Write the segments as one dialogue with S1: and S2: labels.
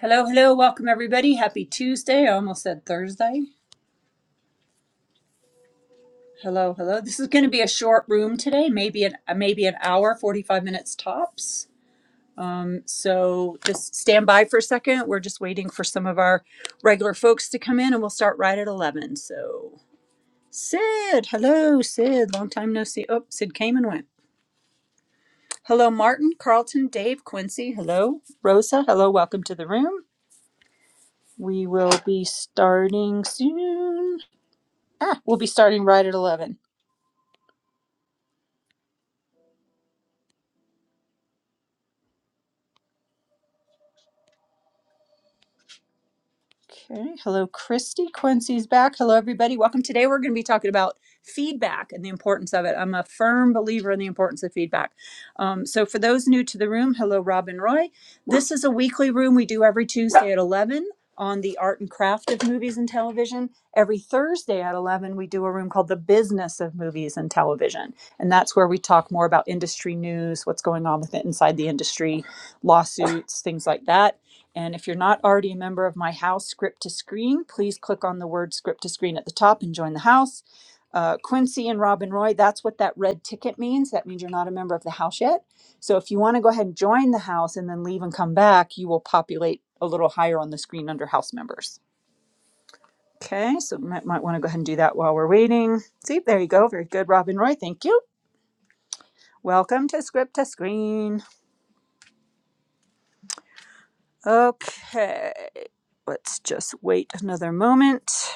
S1: Hello, hello, welcome everybody. Happy Tuesday. I almost said Thursday. Hello, hello. This is going to be a short room today, maybe an uh, maybe an hour, 45 minutes tops. Um, so just stand by for a second. We're just waiting for some of our regular folks to come in and we'll start right at 11. So Sid, hello, Sid. Long time no see. Oh, Sid came and went. Hello, Martin, Carlton, Dave, Quincy. Hello, Rosa. Hello, welcome to the room. We will be starting soon. Ah, we'll be starting right at 11. Okay. Hello, Christy. Quincy's back. Hello, everybody. Welcome. Today, we're going to be talking about feedback and the importance of it. I'm a firm believer in the importance of feedback. Um, so, for those new to the room, hello, Rob and Roy. This is a weekly room we do every Tuesday at 11 on the art and craft of movies and television. Every Thursday at 11, we do a room called the business of movies and television. And that's where we talk more about industry news, what's going on with it inside the industry, lawsuits, things like that. And if you're not already a member of my house, Script to Screen, please click on the word Script to Screen at the top and join the house. Uh, Quincy and Robin Roy, that's what that red ticket means. That means you're not a member of the house yet. So if you want to go ahead and join the house and then leave and come back, you will populate a little higher on the screen under house members. Okay, so might, might want to go ahead and do that while we're waiting. See, there you go. Very good, Robin Roy. Thank you. Welcome to Script to Screen. Okay, let's just wait another moment.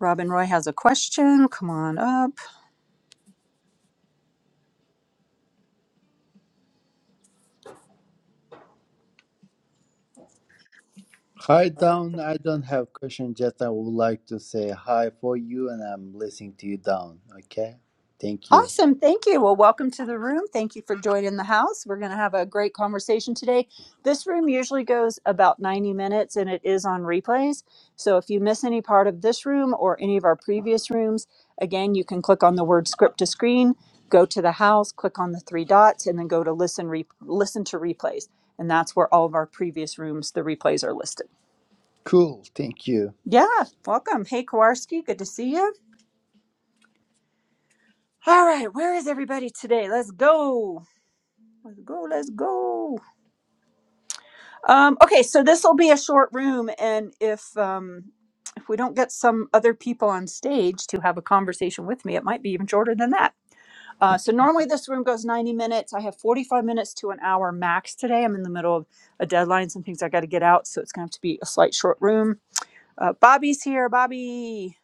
S1: Robin Roy has a question. Come on up.
S2: Hi, Down. I don't have question. Just I would like to say hi for you, and I'm listening to you, Down. Okay, thank you.
S1: Awesome. Thank you. Well, welcome to the room. Thank you for joining the house. We're going to have a great conversation today. This room usually goes about 90 minutes and it is on replays. So if you miss any part of this room or any of our previous rooms, again, you can click on the word script to screen, go to the house, click on the three dots, and then go to listen, re- listen to replays. And that's where all of our previous rooms, the replays are listed.
S2: Cool. Thank you.
S1: Yeah, welcome. Hey, Kowarski. Good to see you. All right, where is everybody today? Let's go. Let's go. Let's go. Um, okay, so this will be a short room, and if um, if we don't get some other people on stage to have a conversation with me, it might be even shorter than that. Uh, so normally this room goes ninety minutes. I have forty five minutes to an hour max today. I'm in the middle of a deadline, some things I got to get out, so it's gonna have to be a slight short room. Uh, Bobby's here. Bobby,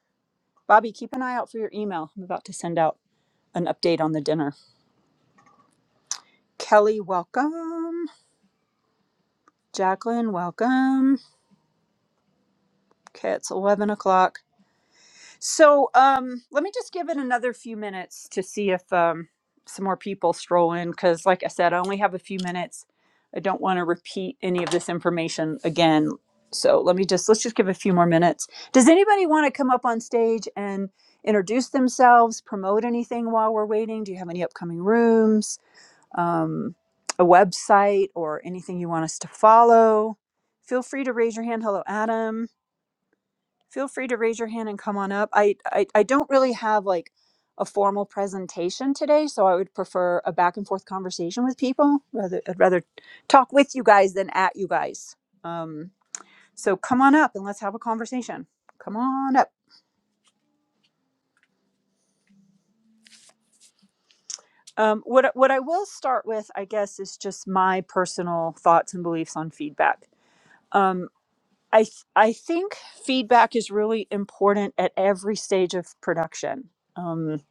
S1: Bobby, keep an eye out for your email. I'm about to send out an update on the dinner. Kelly, welcome. Jacqueline, welcome. Okay, it's 11 o'clock. So um, let me just give it another few minutes to see if um, some more people stroll in because, like I said, I only have a few minutes. I don't want to repeat any of this information again. So let me just, let's just give a few more minutes. Does anybody want to come up on stage and introduce themselves, promote anything while we're waiting? Do you have any upcoming rooms? um, a website or anything you want us to follow, feel free to raise your hand. Hello, Adam. Feel free to raise your hand and come on up. I, I, I don't really have like a formal presentation today, so I would prefer a back and forth conversation with people. Rather, I'd rather talk with you guys than at you guys. Um, so come on up and let's have a conversation. Come on up. Um, what I- what I will start with, I guess, is just my personal thoughts and beliefs on feedback. Um, I th- I think feedback is really important at every stage of production um,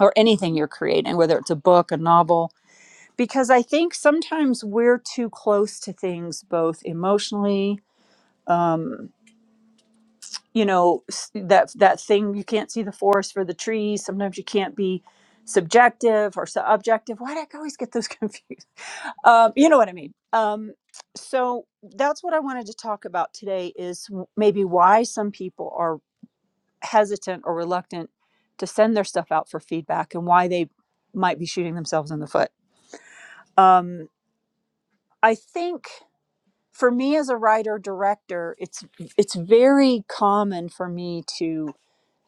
S1: or anything you're creating, whether it's a book, a novel, because I think sometimes we're too close to things, both emotionally. Um, you know s- that that thing you can't see the forest for the trees. Sometimes you can't be subjective or so objective. Why did I always get those confused? Um, you know what I mean. Um, so that's what I wanted to talk about today is w- maybe why some people are hesitant or reluctant to send their stuff out for feedback and why they might be shooting themselves in the foot. Um, I think for me as a writer director, it's it's very common for me to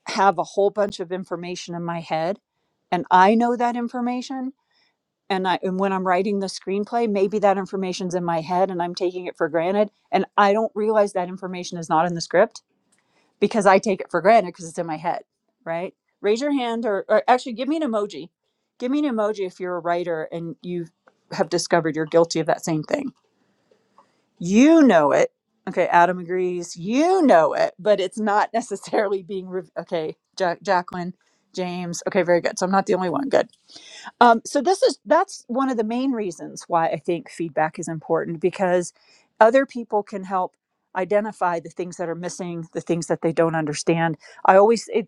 S1: have a whole bunch of information in my head, and I know that information. And I and when I'm writing the screenplay, maybe that information's in my head and I'm taking it for granted, and I don't realize that information is not in the script because I take it for granted because it's in my head, right? Raise your hand or, or actually give me an emoji. Give me an emoji if you're a writer and you have discovered you're guilty of that same thing. You know it. Okay, Adam agrees. You know it, but it's not necessarily being. Re- okay, ja- Jacqueline, James. Okay, very good. So I'm not the only one. Good. Um, so this is that's one of the main reasons why I think feedback is important because other people can help identify the things that are missing, the things that they don't understand. I always it,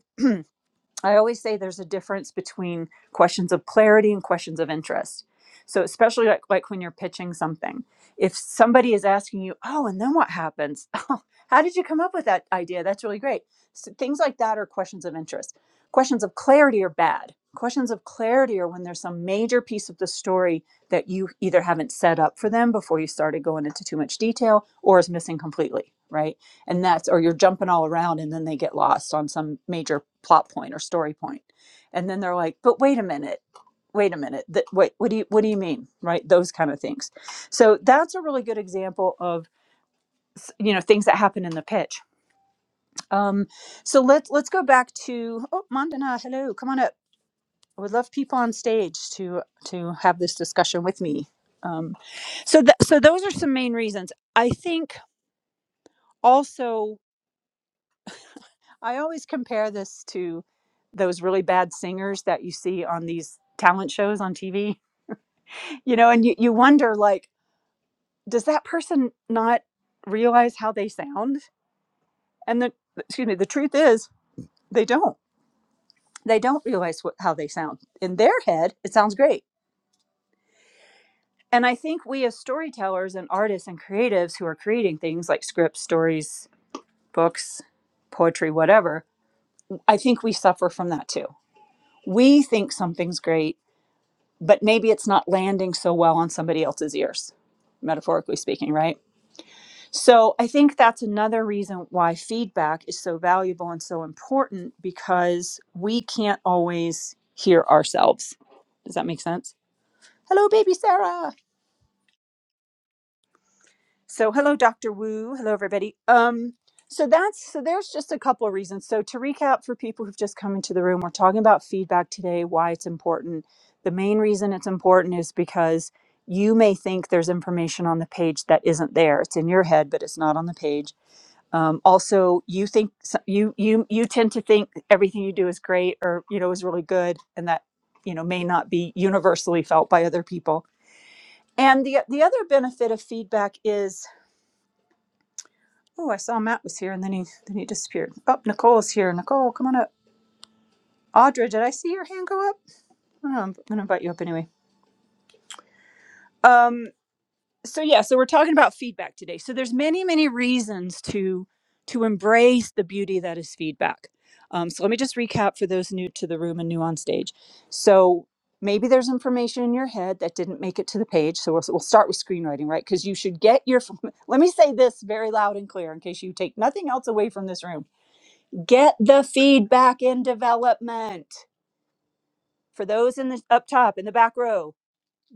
S1: I always say there's a difference between questions of clarity and questions of interest. So especially like, like when you're pitching something, if somebody is asking you, "Oh, and then what happens? Oh, how did you come up with that idea? That's really great." So things like that are questions of interest. Questions of clarity are bad. Questions of clarity are when there's some major piece of the story that you either haven't set up for them before you started going into too much detail or is missing completely, right? and that's or you're jumping all around and then they get lost on some major plot point or story point and then they're like but wait a minute wait a minute that wait what do you what do you mean right those kind of things so that's a really good example of you know things that happen in the pitch um, so let's let's go back to oh mandana hello come on up i would love people on stage to to have this discussion with me um, so th- so those are some main reasons i think also I always compare this to those really bad singers that you see on these talent shows on TV, you know, and you, you wonder like, does that person not realize how they sound? And the excuse me, the truth is they don't. They don't realize what, how they sound. In their head, it sounds great. And I think we as storytellers and artists and creatives who are creating things like scripts, stories, books, poetry, whatever, I think we suffer from that too. We think something's great but maybe it's not landing so well on somebody else's ears, metaphorically speaking, right? So I think that's another reason why feedback is so valuable and so important because we can't always hear ourselves. Does that make sense? Hello, baby Sarah. So hello, Dr. Wu. Hello, everybody. Um, so that's so there's just a couple of reasons. So to recap for people who've just come into the room, we're talking about feedback today, why it's important. The main reason it's important is because you may think there's information on the page that isn't there. It's in your head, but it's not on the page. Um, also, you think so- you you you tend to think everything you do is great or you know is really good, and that you know may not be universally felt by other people. And the the other benefit of feedback is Oh, I saw Matt was here and then he then he disappeared. Oh, Nicole's here. Nicole, come on up. Audra, did I see your hand go up? I don't know. I'm gonna invite you up anyway. Um, so yeah, so we're talking about feedback today. So there's many, many reasons to to embrace the beauty that is feedback. Um, so let me just recap for those new to the room and new on stage. So maybe there's information in your head that didn't make it to the page. So we'll, we'll start with screenwriting, right? Because you should get your. Let me say this very loud and clear in case you take nothing else away from this room Get the feedback in development. For those in the up top in the back row,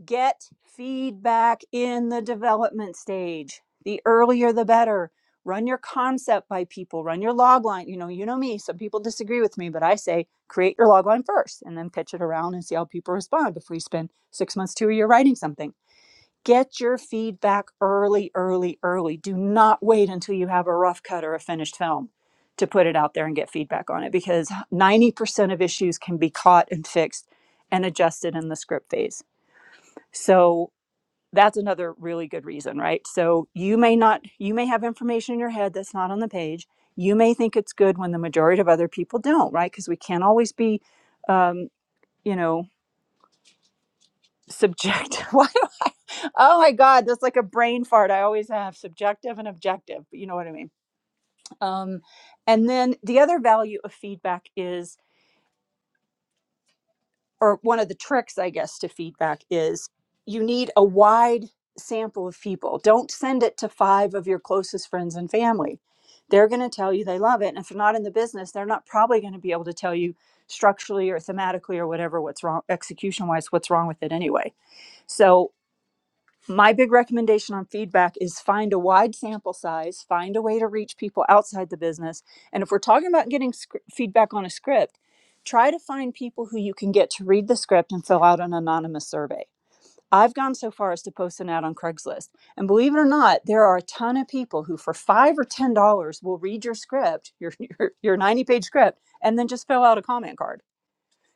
S1: get feedback in the development stage. The earlier the better. Run your concept by people, run your log line. You know, you know me. Some people disagree with me, but I say create your log line first and then pitch it around and see how people respond before you spend six months to a year writing something. Get your feedback early, early, early. Do not wait until you have a rough cut or a finished film to put it out there and get feedback on it because 90% of issues can be caught and fixed and adjusted in the script phase. So that's another really good reason, right? So you may not, you may have information in your head that's not on the page. You may think it's good when the majority of other people don't, right? Because we can't always be, um, you know, subject. Why Oh my God, that's like a brain fart. I always have subjective and objective, but you know what I mean. Um, and then the other value of feedback is, or one of the tricks, I guess, to feedback is you need a wide sample of people. Don't send it to five of your closest friends and family. They're going to tell you they love it. And if they're not in the business, they're not probably going to be able to tell you structurally or thematically or whatever what's wrong, execution wise, what's wrong with it anyway. So my big recommendation on feedback is find a wide sample size, find a way to reach people outside the business. And if we're talking about getting scr- feedback on a script, try to find people who you can get to read the script and fill out an anonymous survey. I've gone so far as to post an ad on Craigslist. And believe it or not, there are a ton of people who, for five or $10, will read your script, your, your, your 90 page script, and then just fill out a comment card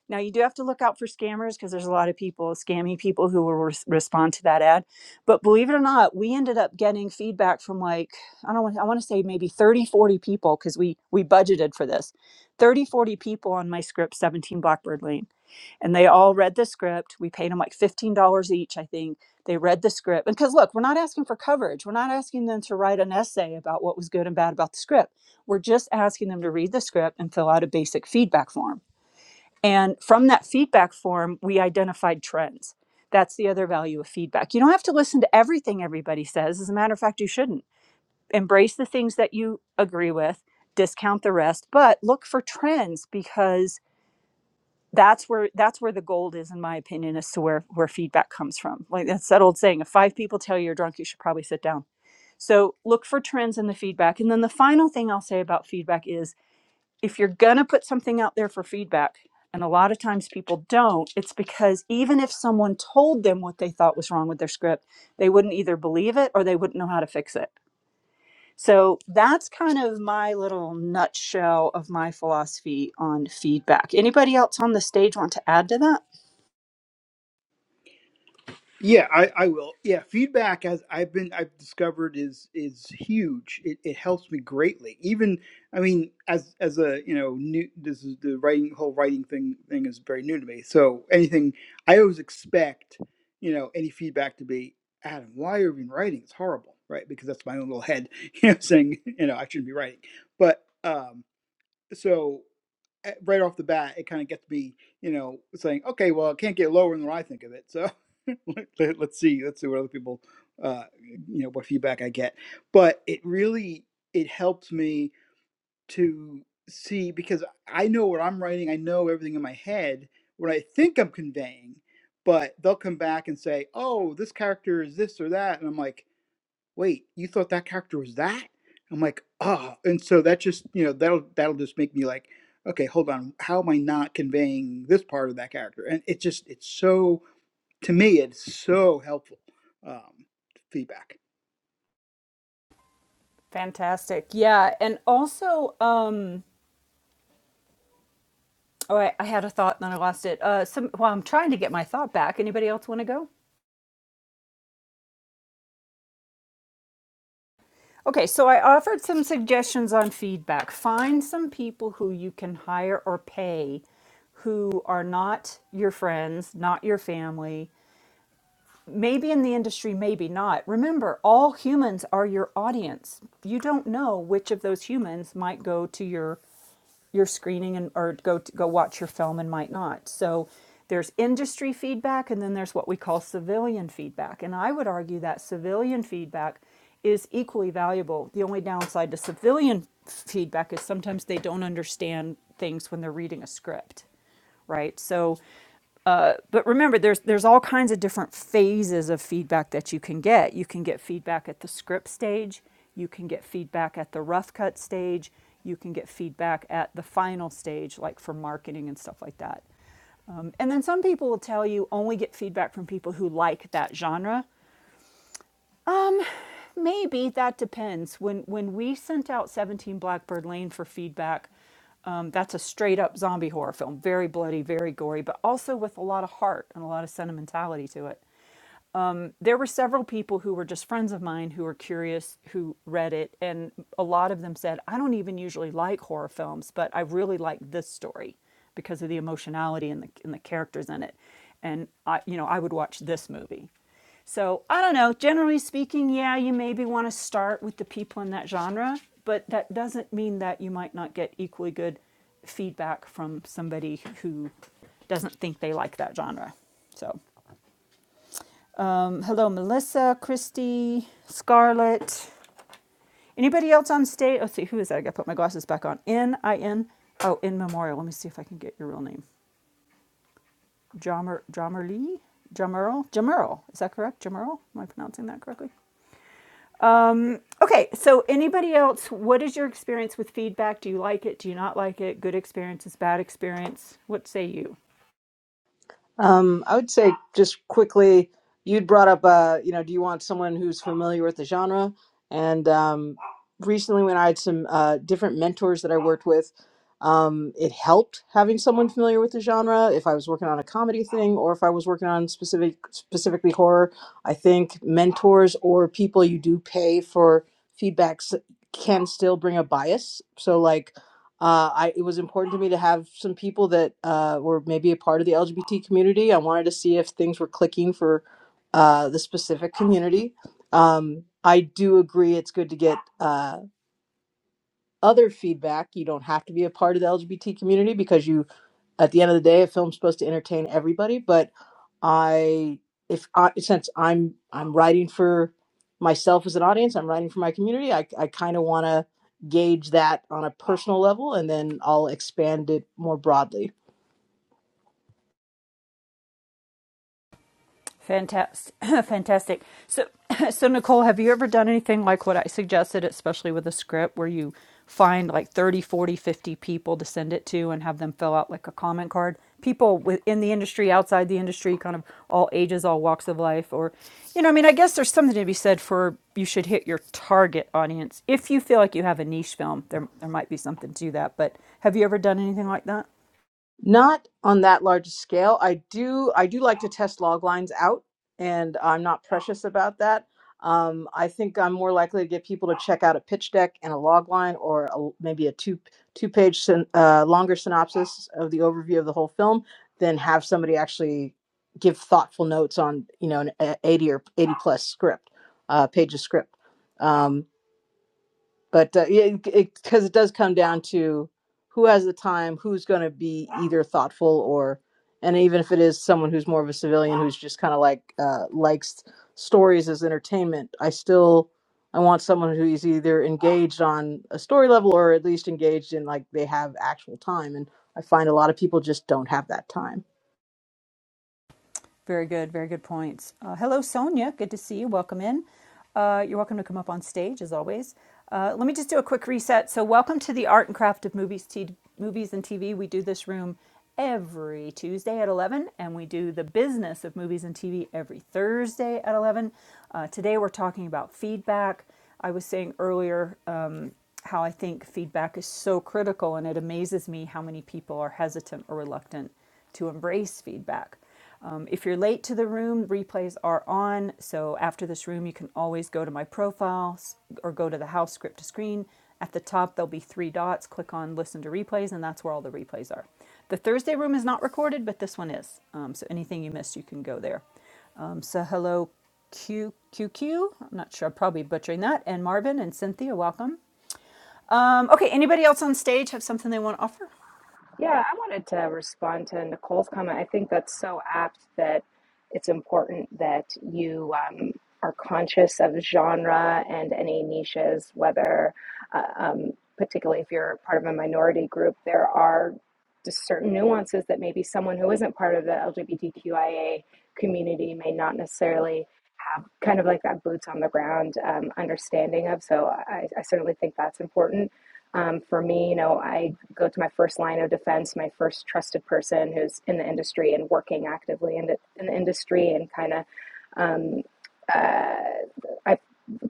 S1: now you do have to look out for scammers because there's a lot of people, scammy people who will res- respond to that ad. But believe it or not, we ended up getting feedback from like I don't want I want to say maybe 30 40 people because we we budgeted for this. 30 40 people on my script 17 Blackbird Lane. And they all read the script. We paid them like $15 each, I think. They read the script. And cuz look, we're not asking for coverage. We're not asking them to write an essay about what was good and bad about the script. We're just asking them to read the script and fill out a basic feedback form and from that feedback form, we identified trends. That's the other value of feedback. You don't have to listen to everything everybody says. As a matter of fact, you shouldn't. Embrace the things that you agree with, discount the rest, but look for trends because that's where that's where the gold is in my opinion as to where where feedback comes from like that's that old saying if five people tell you you're drunk you should probably sit down so look for trends in the feedback and then the final thing i'll say about feedback is if you're going to put something out there for feedback, and a lot of times people don't, it's because even if someone told them what they thought was wrong with their script, they wouldn't either believe it or they wouldn't know how to fix it. So that's kind of my little nutshell of my philosophy on feedback. Anybody else on the stage want to add to that?
S3: Yeah, I, I will. Yeah, feedback as I've been I've discovered is is huge. It, it helps me greatly. Even I mean, as as a you know, new this is the writing whole writing thing thing is very new to me. So anything I always expect, you know, any feedback to be, Adam, why are you even writing? It's horrible, right? Because that's my own little head, you know, saying you know I shouldn't be writing. But um, so eh, right off the bat, it kind of gets me, you know, saying, okay, well, it can't get lower than what I think of it. So let, let- let's see, let's see what other people, uh, you know, what feedback I get. But it really it helps me to see because I know what I'm writing. I know everything in my head what I think I'm conveying. But they'll come back and say, oh, this character is this or that, and I'm like wait, you thought that character was that? I'm like, ah, oh. and so that just you know that'll that'll just make me like, okay, hold on, how am I not conveying this part of that character? And it just it's so to me it's so helpful um, feedback.
S1: Fantastic. Yeah. And also, um, oh, I, I had a thought and then I lost it. Uh, some, well, I'm trying to get my thought back. Anybody else want to go? Okay, so I offered some suggestions on feedback. Find some people who you can hire or pay who are not your friends, not your family, maybe in the industry, maybe not. Remember, all humans are your audience. You don't know which of those humans might go to your your screening and or go to, go watch your film and might not. So there's industry feedback and then there's what we call civilian feedback. And I would argue that civilian feedback is equally valuable. The only downside to civilian feedback is sometimes they don't understand things when they're reading a script right? So, uh, but remember, there's there's all kinds of different phases of feedback that you can get. You can get feedback at the script stage. You can get feedback at the rough cut stage. You can get feedback at the final stage, like for marketing and stuff like that. Um, and then some people will tell you only get feedback from people who like that genre. Um, maybe that depends. When when we sent out 17 Blackbird Lane for feedback, um, that's a straight up zombie horror film, very bloody, very gory, but also with a lot of heart and a lot of sentimentality to it. Um, there were several people who were just friends of mine who were curious who read it and a lot of them said i don't even usually like horror films but i really like this story because of the emotionality and the, and the characters in it and i you know i would watch this movie so i don't know generally speaking yeah you maybe want to start with the people in that genre but that doesn't mean that you might not get equally good feedback from somebody who doesn't think they like that genre so um, Hello, Melissa, Christy, Scarlett. Anybody else on stage? Let's see, who is that? I gotta put my glasses back on. N I N. Oh, in memorial. Let me see if I can get your real name. Jammer Jammer Lee? Jamerl? Jamerl. Is that correct? Jamerl? Am I pronouncing that correctly? Okay, so anybody else, what is your experience with feedback? Do you like it? Do you not like it? Good experiences, bad experience? What say you?
S4: Um, I would say just quickly, you'd brought up, uh, you know, do you want someone who's familiar with the genre? And um, recently, when I had some uh, different mentors that I worked with, um, it helped having someone familiar with the genre. If I was working on a comedy thing, or if I was working on specific, specifically horror, I think mentors or people you do pay for feedbacks can still bring a bias. So, like uh, I, it was important to me to have some people that uh, were maybe a part of the LGBT community. I wanted to see if things were clicking for uh, the specific community. Um, I do agree it's good to get uh, other feedback. You don't have to be a part of the LGBT community because you at the end of the day, a film's supposed to entertain everybody, but I if I since I'm I'm writing for myself as an audience, I'm writing for my community, I I kind of want to gauge that on a personal level and then I'll expand it more broadly.
S1: Fantastic, fantastic. So, so Nicole, have you ever done anything like what I suggested, especially with a script where you find like 30, 40, 50 people to send it to and have them fill out like a comment card? People within the industry, outside the industry, kind of all ages, all walks of life, or you know, I mean, I guess there's something to be said for you should hit your target audience. If you feel like you have a niche film, there there might be something to that. But have you ever done anything like that?
S4: Not on that large a scale. I do I do like to test log lines out, and I'm not precious about that. Um, I think I'm more likely to get people to check out a pitch deck and a log line, or a, maybe a two two page syn- uh, longer synopsis of the overview of the whole film, than have somebody actually give thoughtful notes on you know an a- 80 or 80 plus script uh, page of script. Um, but uh, yeah, because it, it 'cause it does come down to who has the time, who's going to be either thoughtful or, and even if it is someone who's more of a civilian who's just kind of like uh, likes stories as entertainment, I still I want someone who is either engaged on a story level or at least engaged in like they have actual time, and I find a lot of people just don't have that time.
S1: Very good, very good points. Uh, hello, Sonia. Good to see you. Welcome in. Uh, you're welcome to come up on stage as always. Uh, let me just do a quick reset. So, welcome to the Art and Craft of Movies, t- movies and TV. We do this room every Tuesday at 11, and we do the business of movies and TV every Thursday at 11. Uh, today, we're talking about feedback. I was saying earlier um, how I think feedback is so critical, and it amazes me how many people are hesitant or reluctant to embrace feedback. Um, if you're late to the room, replays are on. So after this room, you can always go to my profile or go to the house script to screen. At the top, there'll be three dots. Click on listen to replays, and that's where all the replays are. The Thursday room is not recorded, but this one is. Um, so anything you missed, you can go there. Um, so hello, Q Q am not sure. I'm probably butchering that. And Marvin and Cynthia, welcome. Um, okay, anybody else on stage have something they want to offer?
S5: Yeah, I wanted to respond to Nicole's comment. I think that's so apt that it's important that you um, are conscious of genre and any niches, whether, uh, um, particularly if you're part of a minority group, there are just certain nuances that maybe someone who isn't part of the LGBTQIA community may not necessarily kind of like that boots on the ground um, understanding of. So I, I certainly think that's important. Um, for me, you know, I go to my first line of defense, my first trusted person who's in the industry and working actively in the, in the industry, and kind of um, uh, I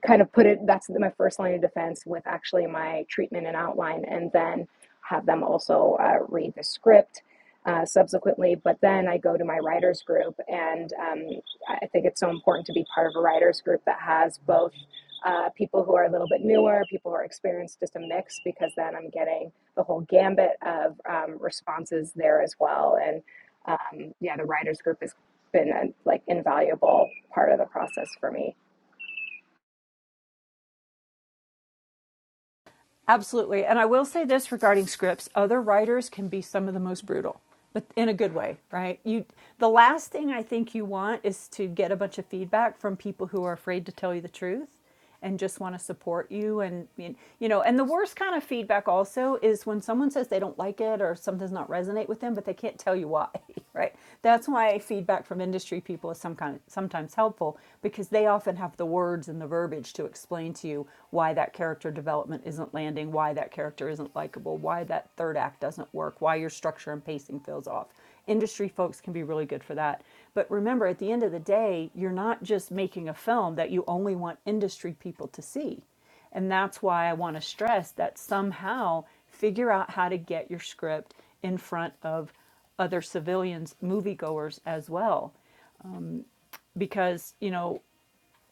S5: kind of put it. That's my first line of defense with actually my treatment and outline, and then have them also uh, read the script uh, subsequently. But then I go to my writers group and um, I think it's so important to be part of a writers group that has both uh, people who are a little bit newer, people who are experienced, just a mix, because then I'm getting the whole gambit of um, responses there as well. And um, yeah, the writers group has been a like invaluable part of the process for me.
S1: Absolutely. And I will say this regarding scripts, other writers can be some of the most brutal, but in a good way, right? You the last thing I think you want is to get a bunch of feedback from people who are afraid to tell you the truth and just want to support you and you know, and the worst kind of feedback also is when someone says they don't like it or something does not resonate with them, but they can't tell you why, right? That's why feedback from industry people is some kind of, sometimes helpful because they often have the words words and the verbiage to explain to you why that character development isn't landing, why that character isn't likable, why that third act doesn't work, why your structure and pacing feels off. Industry folks can be really good for that. But remember, at the end of the day, you're not just making a film that you only want industry people to see. And that's why I want to stress that somehow figure out how to get your script in front of other civilians, moviegoers as well. Because, you know,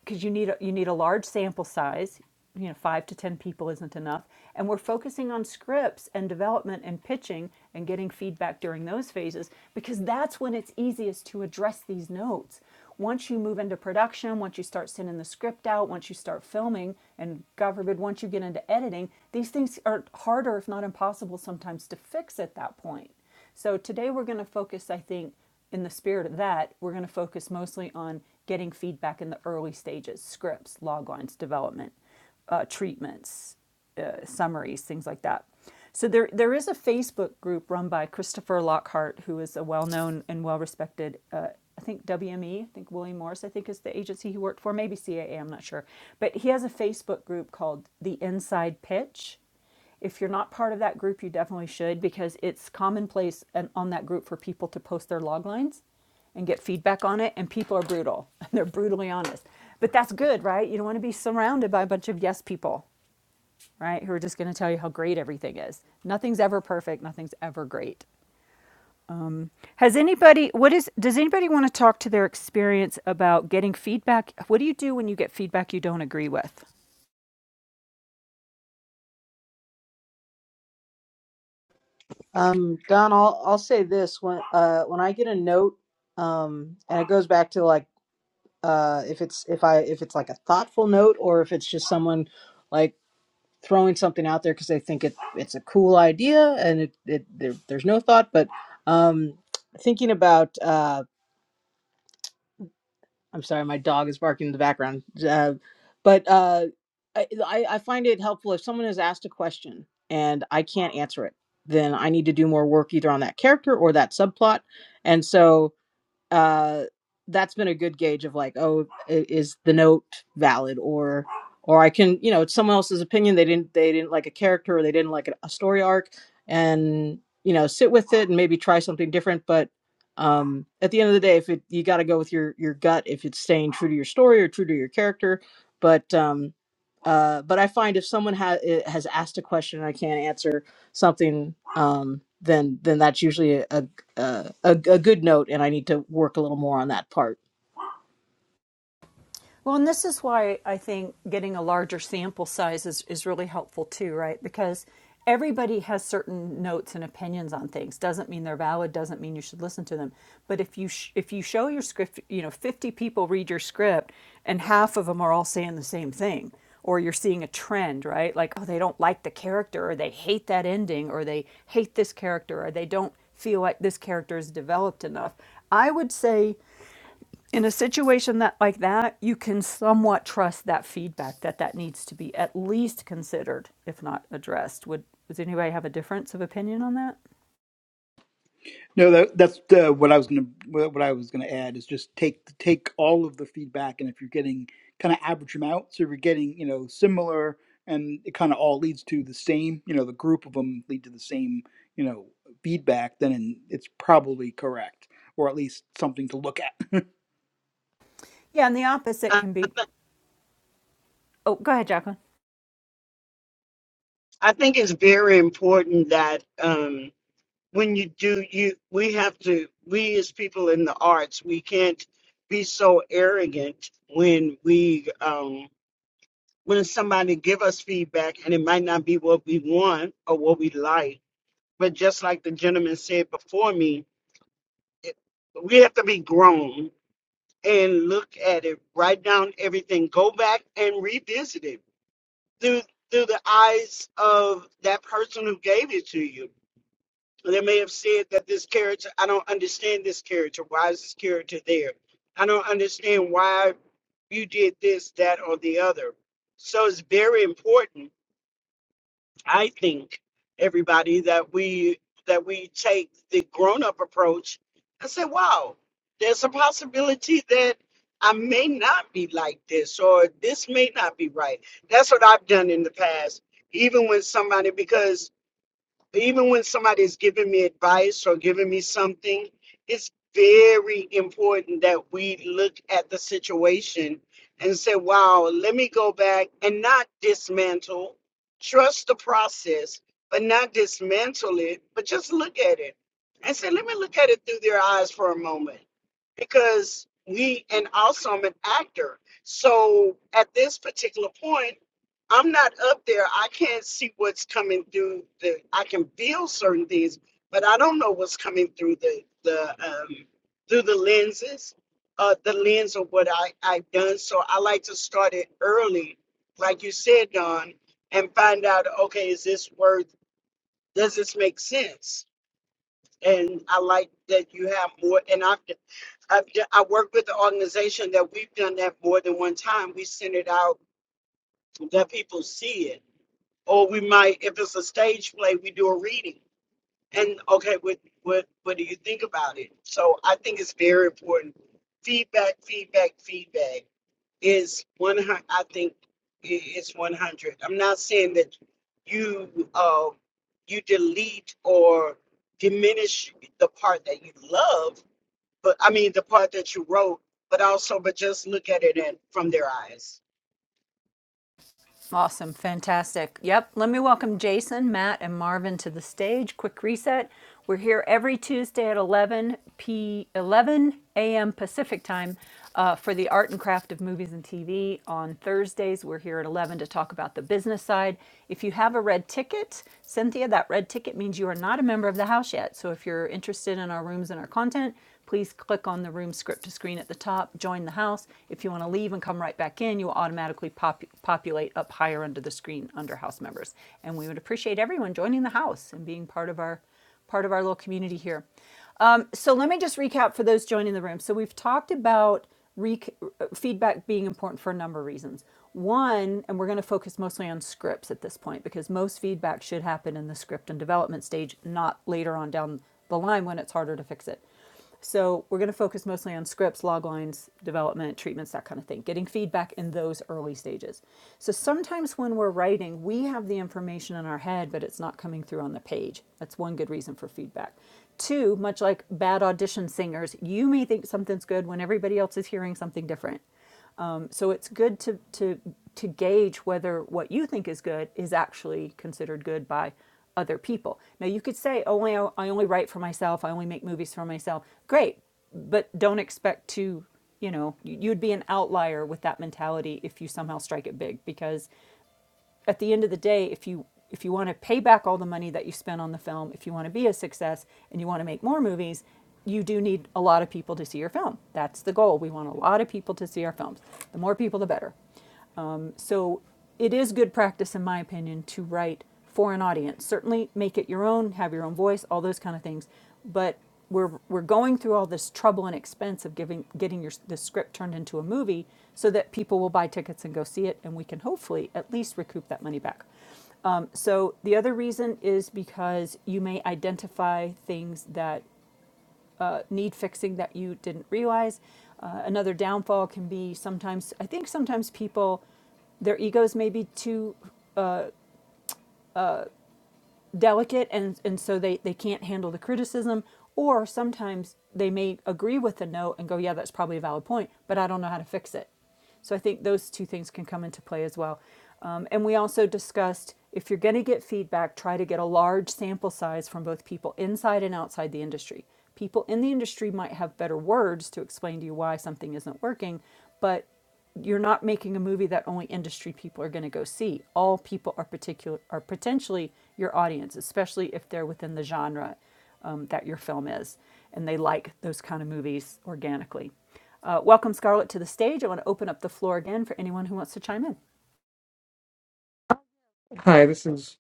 S1: because you need a, you need a large sample size. You know, five to ten people isn't enough, and we're focusing on scripts and development and pitching and getting feedback during those phases because that's when it's easiest to address these notes. Once you move into production, once you start sending the script out, once you start filming, and God forbid, once you get into editing, these things are harder, if not impossible, sometimes to fix at that point. So today we're going to focus, I think, in the spirit of that, we're going to focus mostly on getting feedback in the early stages scripts, loglines, development, uh, treatments, uh, summaries, things like that. So there, there is a Facebook group run by Christopher Lockhart, who is a well-known and well-respected, uh, I think WME, I think William Morris, I think is the agency he worked for, maybe CAA, I'm not sure. But he has a Facebook group called The Inside Pitch if you're not part of that group, you definitely should because it's commonplace and on that group for people to post their log lines and get feedback on it. And people are brutal. They're brutally honest. But that's good, right? You don't want to be surrounded by a bunch of yes people, right? Who are just going to tell you how great everything is. Nothing's ever perfect. Nothing's ever great. Um, has anybody, what is, does anybody want to talk to their experience about getting feedback? What do you do when you get feedback you don't agree with?
S4: Um, Don, I'll I'll say this when uh, when I get a note, um, and it goes back to like uh, if it's if I if it's like a thoughtful note or if it's just someone like throwing something out there because they think it it's a cool idea and it, it there, there's no thought. But um, thinking about uh, I'm sorry, my dog is barking in the background. Uh, but uh, I I I find it helpful if someone has asked a question and I can't answer it, then I need to do more work either on that character or that subplot, and so uh that's been a good gauge of like oh is the note valid or or i can you know it's someone else's opinion they didn't they didn't like a character or they didn't like a story arc and you know sit with it and maybe try something different but um at the end of the day if it you got to go with your your gut if it's staying true to your story or true to your character but um uh but i find if someone has has asked a question and i can't answer something um then then that's usually a, a uh, a, a good note, and I need to work a little more on that part.
S1: Well, and this is why I think getting a larger sample size is, is really helpful too, right? Because everybody has certain notes and opinions on things. Doesn't mean they're valid. Doesn't mean you should listen to them. But if you sh- if you show your script, you know, fifty people read your script, and half of them are all saying the same thing, or you're seeing a trend, right? Like, oh, they don't like the character, or they hate that ending, or they hate this character, or they don't feel like this character is developed enough. I would say in a situation that like that you can somewhat trust that feedback that that needs to be at least considered if not addressed would does anybody have a difference of opinion on that
S3: No, that, that's uh, what I was gonna what I was gonna add is just take take all of the feedback, and if you're getting kind of average them out, so if you're getting you know similar, and it kind of all leads to the same, you know, the group of them lead to the same, you know, feedback, then it's probably correct, or at least something to look at.
S1: yeah and the opposite
S6: I
S1: can be oh go ahead jacqueline
S6: I think it's very important that um, when you do, you we have to we as people in the arts, we can't be so arrogant when we um, when somebody give us feedback and it might not be what we want or what we like. But just like the gentleman said before me, it, we have to be grown and look at it, write down everything, go back and revisit it through through the eyes of that person who gave it to you They may have said that this character, I don't understand this character. Why is this character there? I don't understand why you did this, that, or the other. So it's very important, I think, everybody, that we that we take the grown-up approach and say, wow, there's a possibility that I may not be like this or this may not be right. That's what I've done in the past, even when somebody because even when somebody is giving me advice or giving me something, it's very important that we look at the situation and say, wow, let me go back and not dismantle, trust the process, but not dismantle it, but just look at it and say, let me look at it through their eyes for a moment because we, and also I'm an actor. So at this particular point, I'm not up there. I can't see what's coming through the. I can feel certain things, but I don't know what's coming through the the um, through the lenses, uh, the lens of what I I've done. So I like to start it early, like you said, Don, and find out. Okay, is this worth? Does this make sense? And I like that you have more. And I've d- I've d- I work with the organization that we've done that more than one time. We send it out. Let people see it or we might if it's a stage play we do a reading and okay what what what do you think about it so i think it's very important feedback feedback feedback is 100 i think i- it's 100 i'm not saying that you uh you delete or diminish the part that you love but i mean the part that you wrote but also but just look at it in, from their eyes
S1: Awesome, fantastic. Yep, let me welcome Jason, Matt, and Marvin to the stage. Quick reset. We're here every Tuesday at 11 p 11 a.m. Pacific time uh, for the art and craft of movies and TV. On Thursdays, we're here at 11 to talk about the business side. If you have a red ticket, Cynthia, that red ticket means you are not a member of the house yet. So if you're interested in our rooms and our content, please click on the room script to screen at the top, join the house. If you want to leave and come right back in, you will automatically pop- populate up higher under the screen under house members. And we would appreciate everyone joining the house and being part of our part of our little community here. Um, so let me just recap for those joining the room. So we've talked about rec- feedback being important for a number of reasons. One, and we're going to focus mostly on scripts at this point because most feedback should happen in the script and development stage, not later on down the line when it's harder to fix it. So we're going to focus mostly on scripts, log lines, development, treatments, that kind of thing, getting feedback in those early stages. So sometimes when we're writing, we have the information in our head, but it's not coming through on the page. That's one good reason for feedback. Two, much like bad audition singers, you may think something's good when everybody else is hearing something different. Um, so it's good to, to, to gauge whether what you think is good is actually considered good by other people. Now you could say, "Oh, I, I only write for myself. I only make movies for myself." Great, but don't expect to, you know, you- you'd be an outlier with that mentality if you somehow strike it big because at the end of the day, if you if you want to pay back all the money that you spent on the film, if you want to be a success and you want to make more movies, you do need a lot of people to see your film. That's the goal. We want a lot of people to see our films. The more people, the better. So it is good practice, in my opinion, to write for an audience. Certainly make it your own, have your own voice, all those kind of things. But we're we're going through all this trouble and expense of giving getting your the script turned into a movie so that people will buy tickets and go see it and we can hopefully at least recoup that money back so the other reason is because you may identify things that uh, need fixing that you didn't realize. Uh, another downfall can be sometimes, I think sometimes people, their egos may be too delicate and, and so they, they can't handle the criticism. Or sometimes they may agree with the note and go, yeah, that's probably a valid point, but I don't know how to fix it. So I think those two things can come into play as well. Um, and we also discussed if you're going to get feedback, try to get a large sample size from both people inside and outside the industry. People in the industry might have better words to explain to you why something isn't working, but you're not making a movie that only industry people are going to go see. All people are particular are potentially your audience, especially if they're within the genre um, that your film is, and they like those kind of movies organically. Uh, welcome, Scarlett, to the stage. I want to open up the floor again for anyone who wants to chime in.
S7: Hi, this is.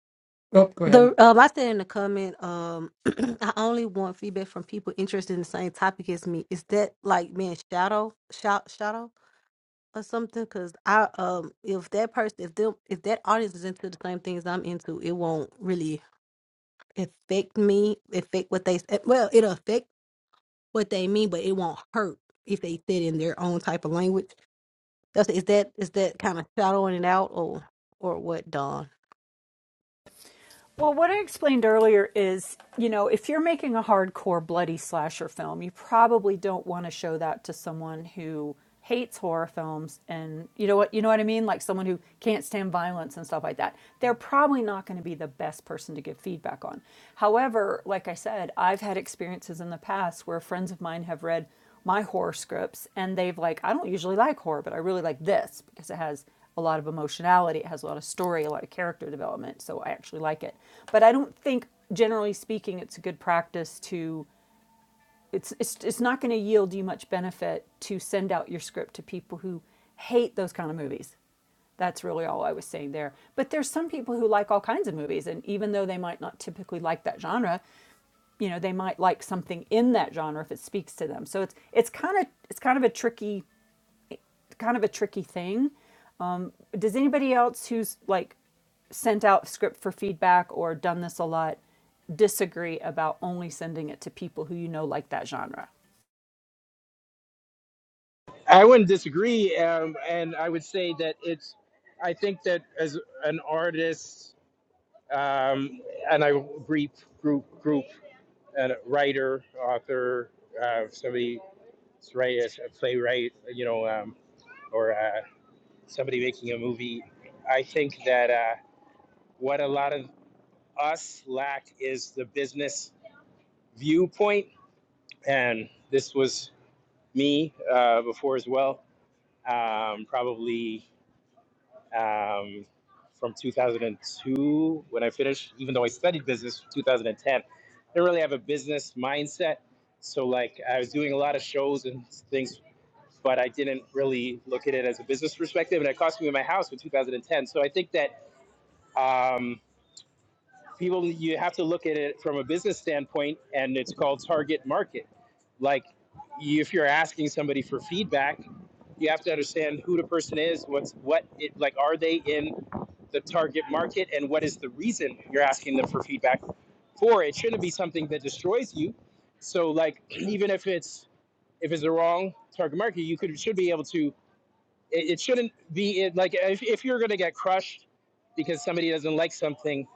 S7: Oh, go ahead.
S8: The um, I said in the comment, um, I only want feedback from people interested in the same topic as me. Is that like being shadow, shout, shadow, or something? Because I um, if that person, if them, if that audience is into the same things I'm into, it won't really affect me. Affect what they say. Well, it'll affect what they mean, but it won't hurt if they said in their own type of language. That's is that is that kind of shadowing it out or or what, Don?
S1: Well, what I explained earlier is, you know, if you're making a hardcore bloody slasher film, you probably don't want to show that to someone who hates horror films and you know what you know what I mean, like someone who can't stand violence and stuff like that. They're probably not going to be the best person to give feedback on. However, like I said, I've had experiences in the past where friends of mine have read my horror scripts and they've like I don't usually like horror, but I really like this because it has a lot of emotionality. It has a lot of story, a lot of character development. So I actually like it. But I don't think, generally speaking, it's a good practice to. It's it's, it's not going to yield you much benefit to send out your script to people who hate those kind of movies. That's really all I was saying there. But there's some people who like all kinds of movies, and even though they might not typically like that genre, you know, they might like something in that genre if it speaks to them. So it's it's kind of it's kind of a tricky kind of a tricky thing. Um, does anybody else who's like sent out script for feedback or done this a lot disagree about only sending it to people who you know like that genre?
S9: I wouldn't disagree, um, and I would say that it's. I think that as an artist, um, and I group group group and a writer, author, uh, somebody that's right a playwright, you know, um, or uh, somebody making a movie. I think that uh, what a lot of us lack is the business viewpoint, and this was me uh, before as well. Um, probably um, from 2002 when I finished, even though I studied business from 2010. Didn't really have a business mindset. So, like, I was doing a lot of shows and things, but I didn't really look at it as a business perspective. And it cost me my house in 2010. So, I think that um, people, you have to look at it from a business standpoint, and it's called target market. Like, if you're asking somebody for feedback, you have to understand who the person is, what's what it like, are they in the target market and what is the reason you're asking them for feedback for it shouldn't be something that destroys you so like even if it's if it's the wrong target market you could should be able to it, it shouldn't be it, like if, if you're going to get crushed because somebody doesn't like something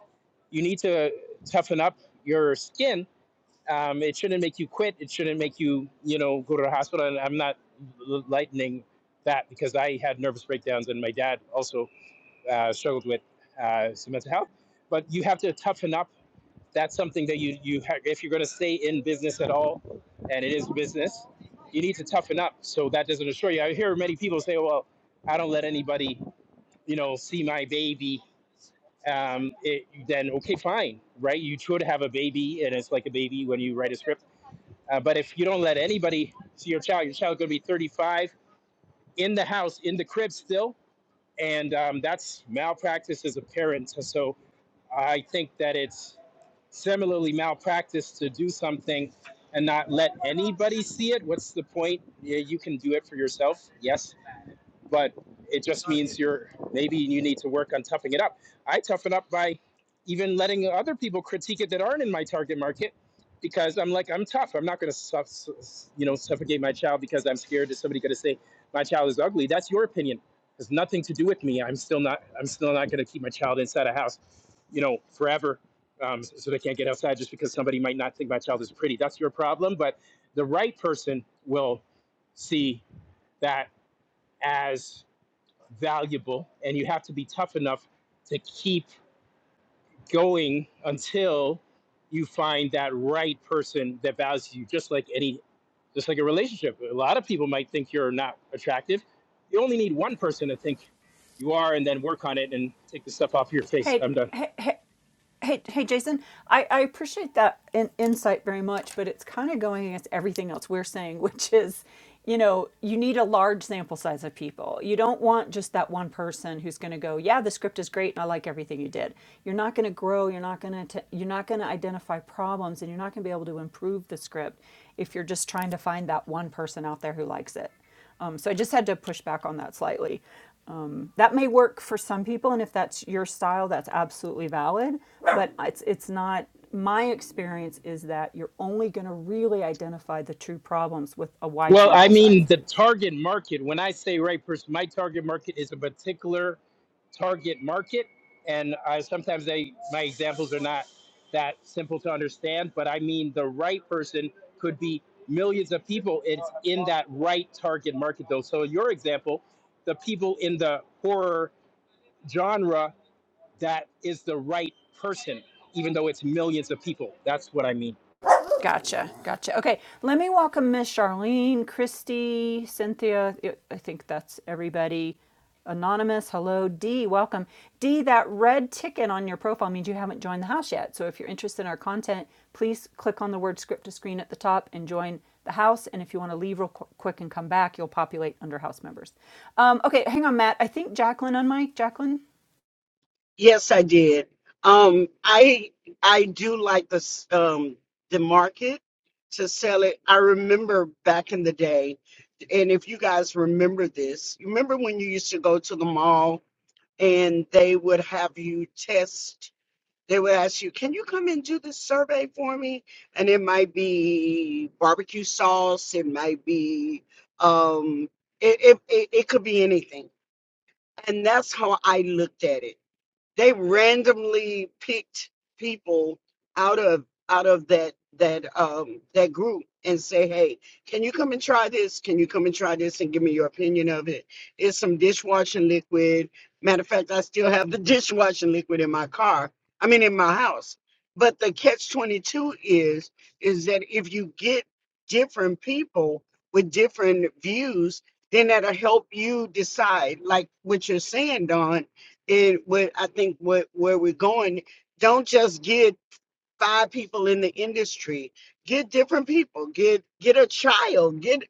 S9: you need to toughen up your skin um, it shouldn't make you quit it shouldn't make you you know go to the hospital and i'm not lightening that because i had nervous breakdowns and my dad also uh, struggled with uh, some mental health. But you have to toughen up. That's something that you you have if you're going to stay in business at all, and it is business, you need to toughen up. So that doesn't assure you. I hear many people say, "Well, I don't let anybody, you know, see my baby." Um, it, then okay, fine, right? You should have a baby, and it's like a baby when you write a script. Uh, but if you don't let anybody see your child, your child's going to be 35 in the house, in the crib still, and um, that's malpractice as a parent. So I think that it's similarly malpractice to do something and not let anybody see it. What's the point? Yeah, you can do it for yourself. Yes, but it just means you're maybe you need to work on toughing it up. I toughen up by even letting other people critique it that aren't in my target market because I'm like I'm tough. I'm not going to you know suffocate my child because I'm scared that somebody's going to say my child is ugly. That's your opinion. It has nothing to do with me. I'm still not I'm still not going to keep my child inside a house, you know, forever. Um, so they can't get outside just because somebody might not think my child is pretty. That's your problem, but the right person will see that as valuable and you have to be tough enough to keep going until you find that right person that values you just like any just like a relationship a lot of people might think you're not attractive you only need one person to think you are and then work on it and take the stuff off your face
S1: Hey,
S9: i'm done
S1: hey, Hey, hey, Jason. I, I appreciate that in, insight very much, but it's kind of going against everything else we're saying, which is, you know, you need a large sample size of people. You don't want just that one person who's going to go, "Yeah, the script is great, and I like everything you did." You're not going to grow. You're not going to. You're not going to identify problems, and you're not going to be able to improve the script if you're just trying to find that one person out there who likes it. Um, so I just had to push back on that slightly. Um, that may work for some people, and if that's your style, that's absolutely valid. But it's it's not. My experience is that you're only going to really identify the true problems with a wide
S9: Well, I
S1: sample
S9: mean
S1: size.
S9: the target market. When I say right person, my target market is a particular target market, and I, sometimes they my examples are not that simple to understand. But I mean the right person could be millions of people. It's in that right target market, though. So in your example, the people in the horror genre, that is the right person, even though it's millions of people. That's what I mean.
S1: Gotcha. Gotcha. Okay. Let me welcome Miss Charlene, Christy, Cynthia. I think that's everybody. Anonymous. Hello, D. Welcome. D, that red ticket on your profile means you haven't joined the house yet. So if you're interested in our content, please click on the word script to screen at the top and join the house. And if you want to leave real qu- quick and come back, you'll populate under house members. Um, okay. Hang on, Matt. I think Jacqueline on mic. Jacqueline,
S6: Yes, I did. Um, I I do like the s- um the market to sell it. I remember back in the day, and if you guys remember this, you remember when you used to go to the mall and they would have you test. They would ask you, "Can you come and do this survey for me?" And it might be barbecue sauce. It might be um, it it it, it could be anything. And that's how I looked at it. They randomly picked people out of out of that that um that group and say, "Hey, can you come and try this? Can you come and try this and give me your opinion of it?" It's some dishwashing liquid. Matter of fact, I still have the dishwashing liquid in my car. I mean, in my house. But the catch twenty two is is that if you get different people with different views, then that'll help you decide, like what you're saying, Don it what I think what where we're going, don't just give five people in the industry get different people get get a child get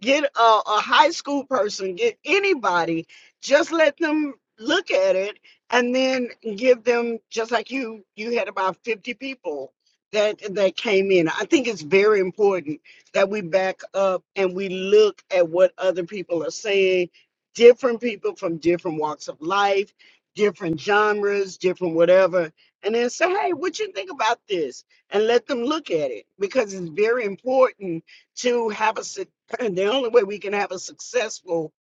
S6: get a, a high school person get anybody just let them look at it and then give them just like you you had about 50 people that that came in i think it's very important that we back up and we look at what other people are saying different people from different walks of life different genres different whatever and then say, hey, what you think about this? And let them look at it because it's very important to have a, suc- the only way we can have a successful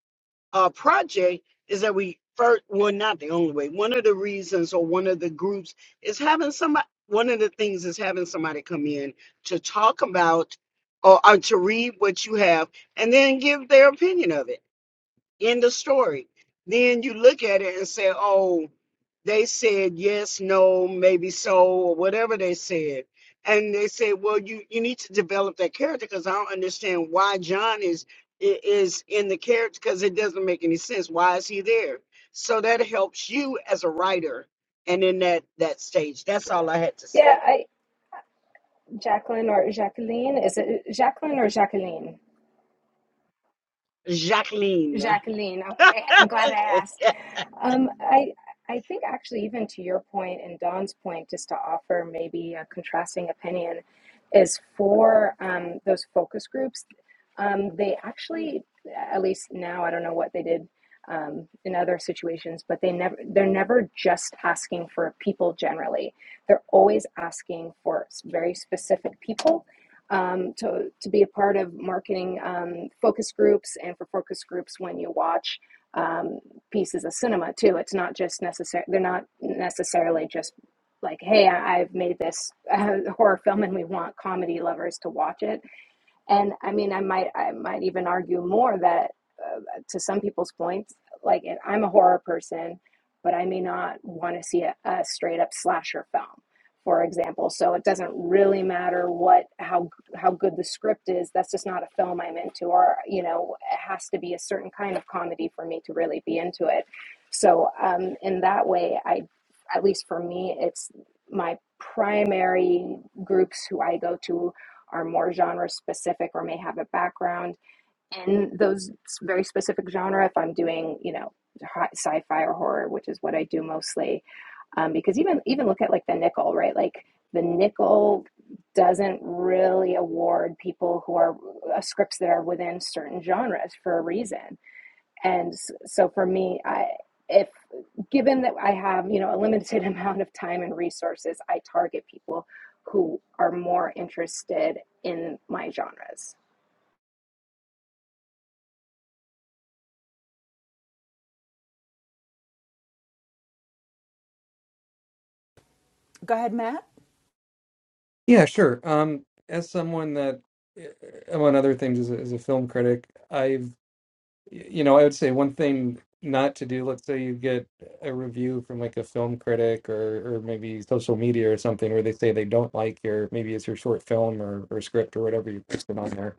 S6: uh, project is that we first, well, not the only way. One of the reasons or one of the groups is having somebody, one of the things is having somebody come in to talk about or, or to read what you have and then give their opinion of it End of story. Then you look at it and say, oh, they said yes, no, maybe so, or whatever they said. And they say, well, you, you need to develop that character because I don't understand why John is i- is in the character because it doesn't make any sense. Why is he there? So that helps you as a writer and in that that stage. That's all I had to
S5: Yeah,
S6: say.
S5: I Jacqueline or Jacqueline is it Jacqueline or Jacqueline?
S6: Jacqueline.
S5: Jacqueline. Okay, I'm glad I asked. Um, I I think actually even to your point and Don's point, just to offer maybe a contrasting opinion, is for um, those focus groups. Um, they actually, at least now, I don't know what they did um, in other situations, but they never they're never just asking for people generally. They're always asking for s- very specific people um, to, to be a part of marketing um, focus groups and for focus groups when you watch um, pieces of cinema too. It's not just necessary, they're not necessarily just like, hey, I- have made this uh, horror film and we want comedy lovers to watch it and i mean i might i might even argue more that uh, to some people's points like i'm a horror person but i may not want to see a, a straight up slasher film for example so it doesn't really matter what how how good the script is that's just not a film i'm into or you know it has to be a certain kind of comedy for me to really be into it so um, in that way i at least for me it's my primary groups who i go to are more genre specific or may have a background in those very specific genre if i'm doing you know sci-fi or horror which is what i do mostly um, because even even look at like the nickel right like the nickel doesn't really award people who are uh, scripts that are within certain genres for a reason and so for me, I if given that I have, you know, a limited amount of time and resources, I target people who are more interested in my genres.
S1: go ahead, Matt.
S7: Yeah, sure. Um, as someone that, uh, among other things, is a, is a film critic, I've, you know, I would say one thing not to do. Let's say you get a review from like a film critic or or maybe social media or something where they say they don't like your maybe it's your short film or or script or whatever you posted on there.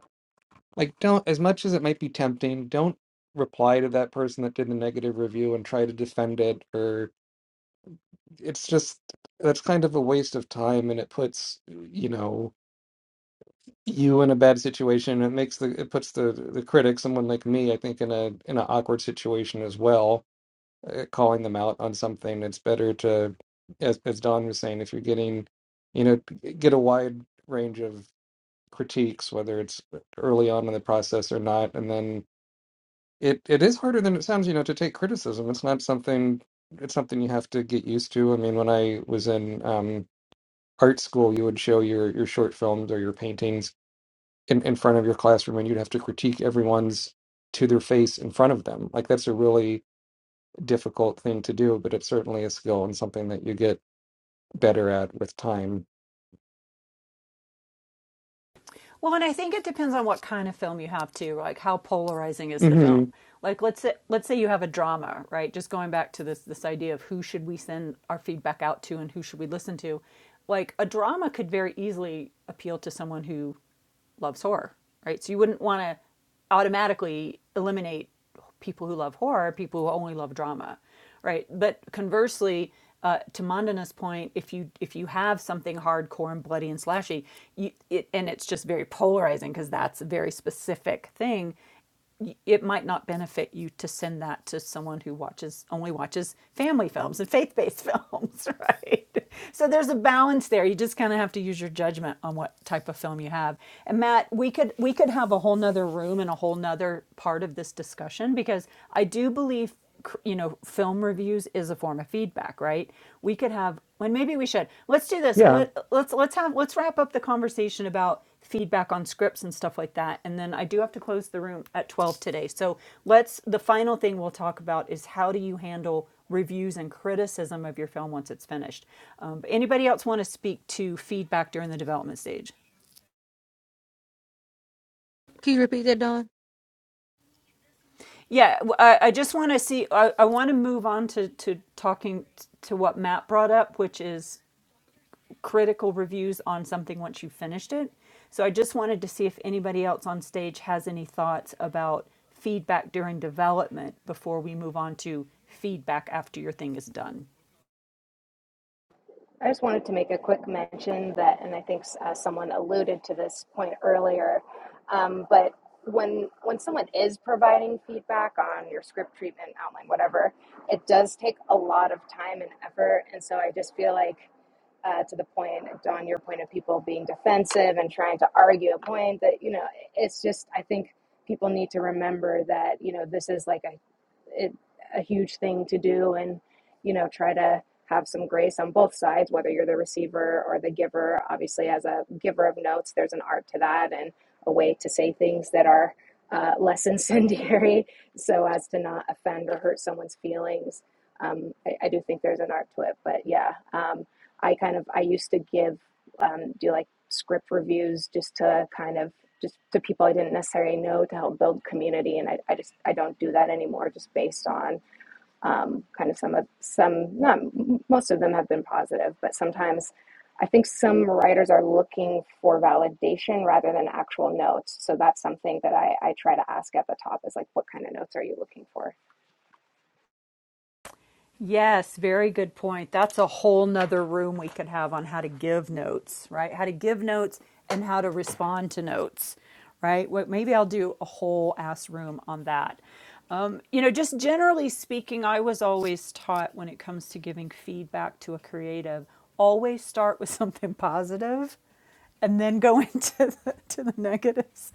S7: Like, don't as much as it might be tempting, don't reply to that person that did the negative review and try to defend it or it's just that's kind of a waste of time and it puts you know you in a bad situation it makes the it puts the the critic someone like me i think in a in an awkward situation as well uh, calling them out on something it's better to as as don was saying if you're getting you know get a wide range of critiques whether it's early on in the process or not and then it it is harder than it sounds you know to take criticism it's not something it's something you have to get used to i mean when i was in um art school, you would show your your short films or your paintings in, in front of your classroom, and you'd have to critique everyone's to their face in front of them. Like that's a really difficult thing to do, but it's certainly a skill and something that you get better at with time.
S1: Well, and I think it depends on what kind of film you have too. Like how polarizing is the film?
S7: hmm
S1: Like let's say let's say you have a drama, right? Just going back to this this idea of who should we send our feedback out to and who should we listen to? Like a drama could very easily appeal to someone who loves horror, right? So you wouldn't want to automatically eliminate people who love horror, people who only love drama, right? But conversely, uh, to Mandana's point, if you if you have something hardcore and bloody and slashy, you, it, and it's just very polarizing because that's a very specific thing. It might not benefit you to send that to someone who watches only watches family films and faith based films, right? So there's a balance there. You just kind of have to use your judgment on what type of film you have. And Matt, we could we could have a whole a whole nother room and a whole nother part of this discussion because I do believe you know film reviews is a form of feedback right we could have when maybe we should let's do this
S7: Yeah,
S1: Let, let's let's have let's wrap up the conversation about feedback on scripts and stuff like that and then i do have to close the room at 12 today so let's the final thing we'll talk about is how do you handle reviews and criticism of your film once it's finished um, anybody else want to speak to feedback during the development stage
S8: Can you repeat that, Don?
S1: Yeah, I I just want to see. I, I want to move on to, to talking t- to what Matt brought up, which is critical reviews on something once you finished it. So I just wanted to see if anybody else on stage has any thoughts about feedback during development before we move on to feedback after your thing is done.
S5: I just wanted to make a quick mention that, and I think uh, someone alluded to this point earlier, um, but when when someone is providing feedback on your script treatment outline, whatever, it does take a lot of time and effort, and so I just feel like. Uh, to the point, Don, your point of people being defensive and trying to argue a point that, you know, it's just, I think people need to remember that, you know, this is like a, it, a huge thing to do and, you know, try to have some grace on both sides, whether you're the receiver or the giver. Obviously, as a giver of notes, there's an art to that and a way to say things that are uh, less incendiary so as to not offend or hurt someone's feelings. Um, I, I do think there's an art to it, but yeah, um, I kind of I used to give um, do like script reviews just to kind of just to people I didn't necessarily know to help build community, and I, I just I don't do that anymore, just based on um, kind of some of some not most of them have been positive but sometimes i think some writers are looking for validation rather than actual notes so that's something that i, I try to ask at the top is like what kind of notes are you looking for
S1: Yes, very good point. That's a whole nother room we could have on how to give notes, right? How to give notes and how to respond to notes, right? What maybe I'll do a whole ass room on that. Um, you know, just generally speaking, I was always taught when it comes to giving feedback to a creative, always start with something positive and then go into the, to the negatives.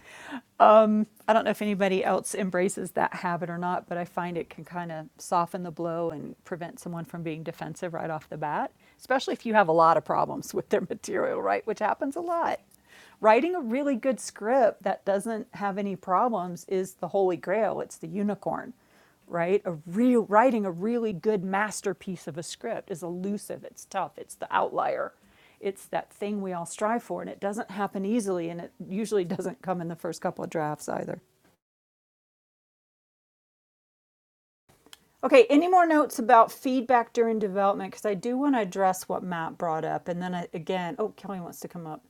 S1: I don't know if anybody else embraces that habit or not, but I find it can kind of soften the blow and prevent someone from being defensive right off the bat, especially if you have a lot of problems with their material, right? Which happens a lot writing a really good script that doesn't have any problems is the holy grail. It's the unicorn, right? A real writing a really good masterpiece of a script is elusive. It's tough. It's the outlier. It's that thing we all strive for, and it doesn't happen easily, and it usually doesn't come in the first couple of drafts either. Okay, any more notes about feedback during development? Because I do want to address what Matt brought up. And then I, again, oh, Kelly wants to come up.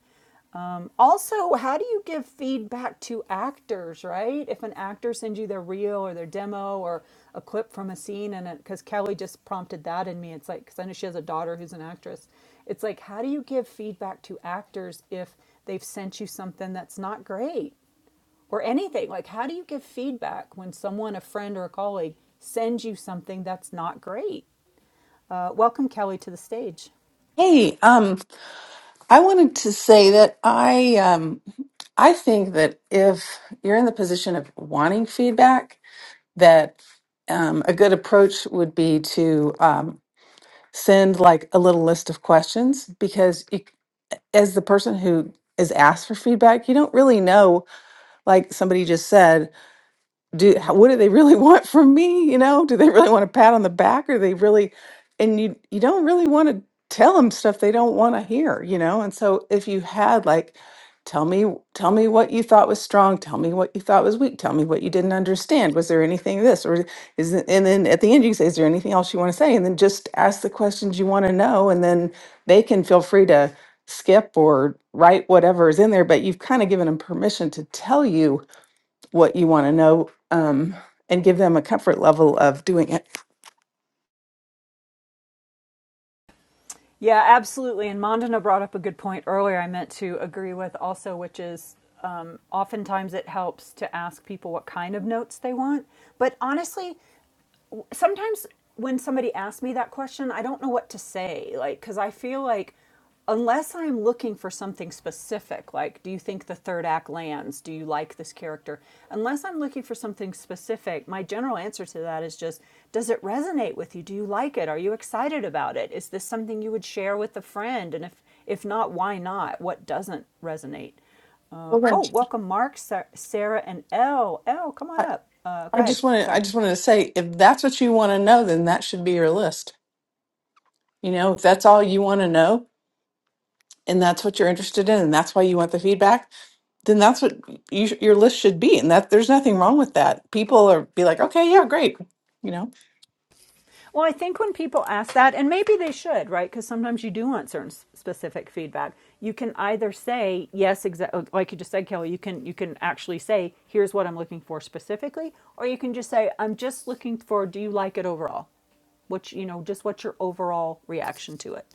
S1: Um, also, how do you give feedback to actors, right? If an actor sends you their reel or their demo or a clip from a scene, and because Kelly just prompted that in me, it's like, because I know she has a daughter who's an actress. It's like, how do you give feedback to actors if they've sent you something that's not great? or anything. Like, how do you give feedback when someone, a friend or a colleague, sends you something that's not great? Uh, welcome, Kelly, to the stage.
S10: Hey, um, I wanted to say that I um, I think that if you're in the position of wanting feedback, that um, a good approach would be to um, send like a little list of questions because you, as the person who is asked for feedback, you don't really know, like somebody just said do h- what do they really want from me you know do they really want a pat on the back or they really and you you don't really want to tell them stuff they don't want to hear you know and so if you had like tell me tell me what you thought was strong tell me what you thought was weak tell me what you didn't understand was there anything this or is it, and then at the end you say is there anything else you want to say and then just ask the questions you want to know and then they can feel free to skip or write whatever is in there but you've kind of given them permission to tell you what you want to know um, and give them a comfort level of doing it.
S1: Yeah, absolutely. And Mandana brought up a good point earlier I meant to agree with also, which is um, oftentimes it helps to ask people what kind of notes they want. But honestly, sometimes when somebody asks me that question, I don't know what to say. Like, because I feel like unless I'm looking for something specific, like, do you think the third act lands? Do you like this character? Unless I'm looking for something specific, my general answer to that is just, does it resonate with you? Do you like it? Are you excited about it? Is this something you would share with a friend? And if if not, why not? What doesn't resonate? Uh,
S10: Well, then,
S1: oh, welcome, Mark, Sarah, and Elle. Elle, come on
S10: I,
S1: up. Uh,
S10: I
S1: go ahead.
S10: just wanted I
S1: Sorry.
S10: just wanted to say if that's what you want to know, then that should be your list. You know, if that's all you want to know and that's what you're interested in and that's why you want the feedback, then that's what you, sh- your list should be. And that there's nothing wrong with that. People are be like, okay, yeah, great. You know.
S1: Well, I think when people ask that, and maybe they should, right? Because sometimes you do want certain specific feedback. You can either say yes, exactly, like you just said, Kelly. You can you can actually say, "Here's what I'm looking for specifically," or you can just say, "I'm just looking for. Do you like it overall? which you know, just what's your overall reaction to it?"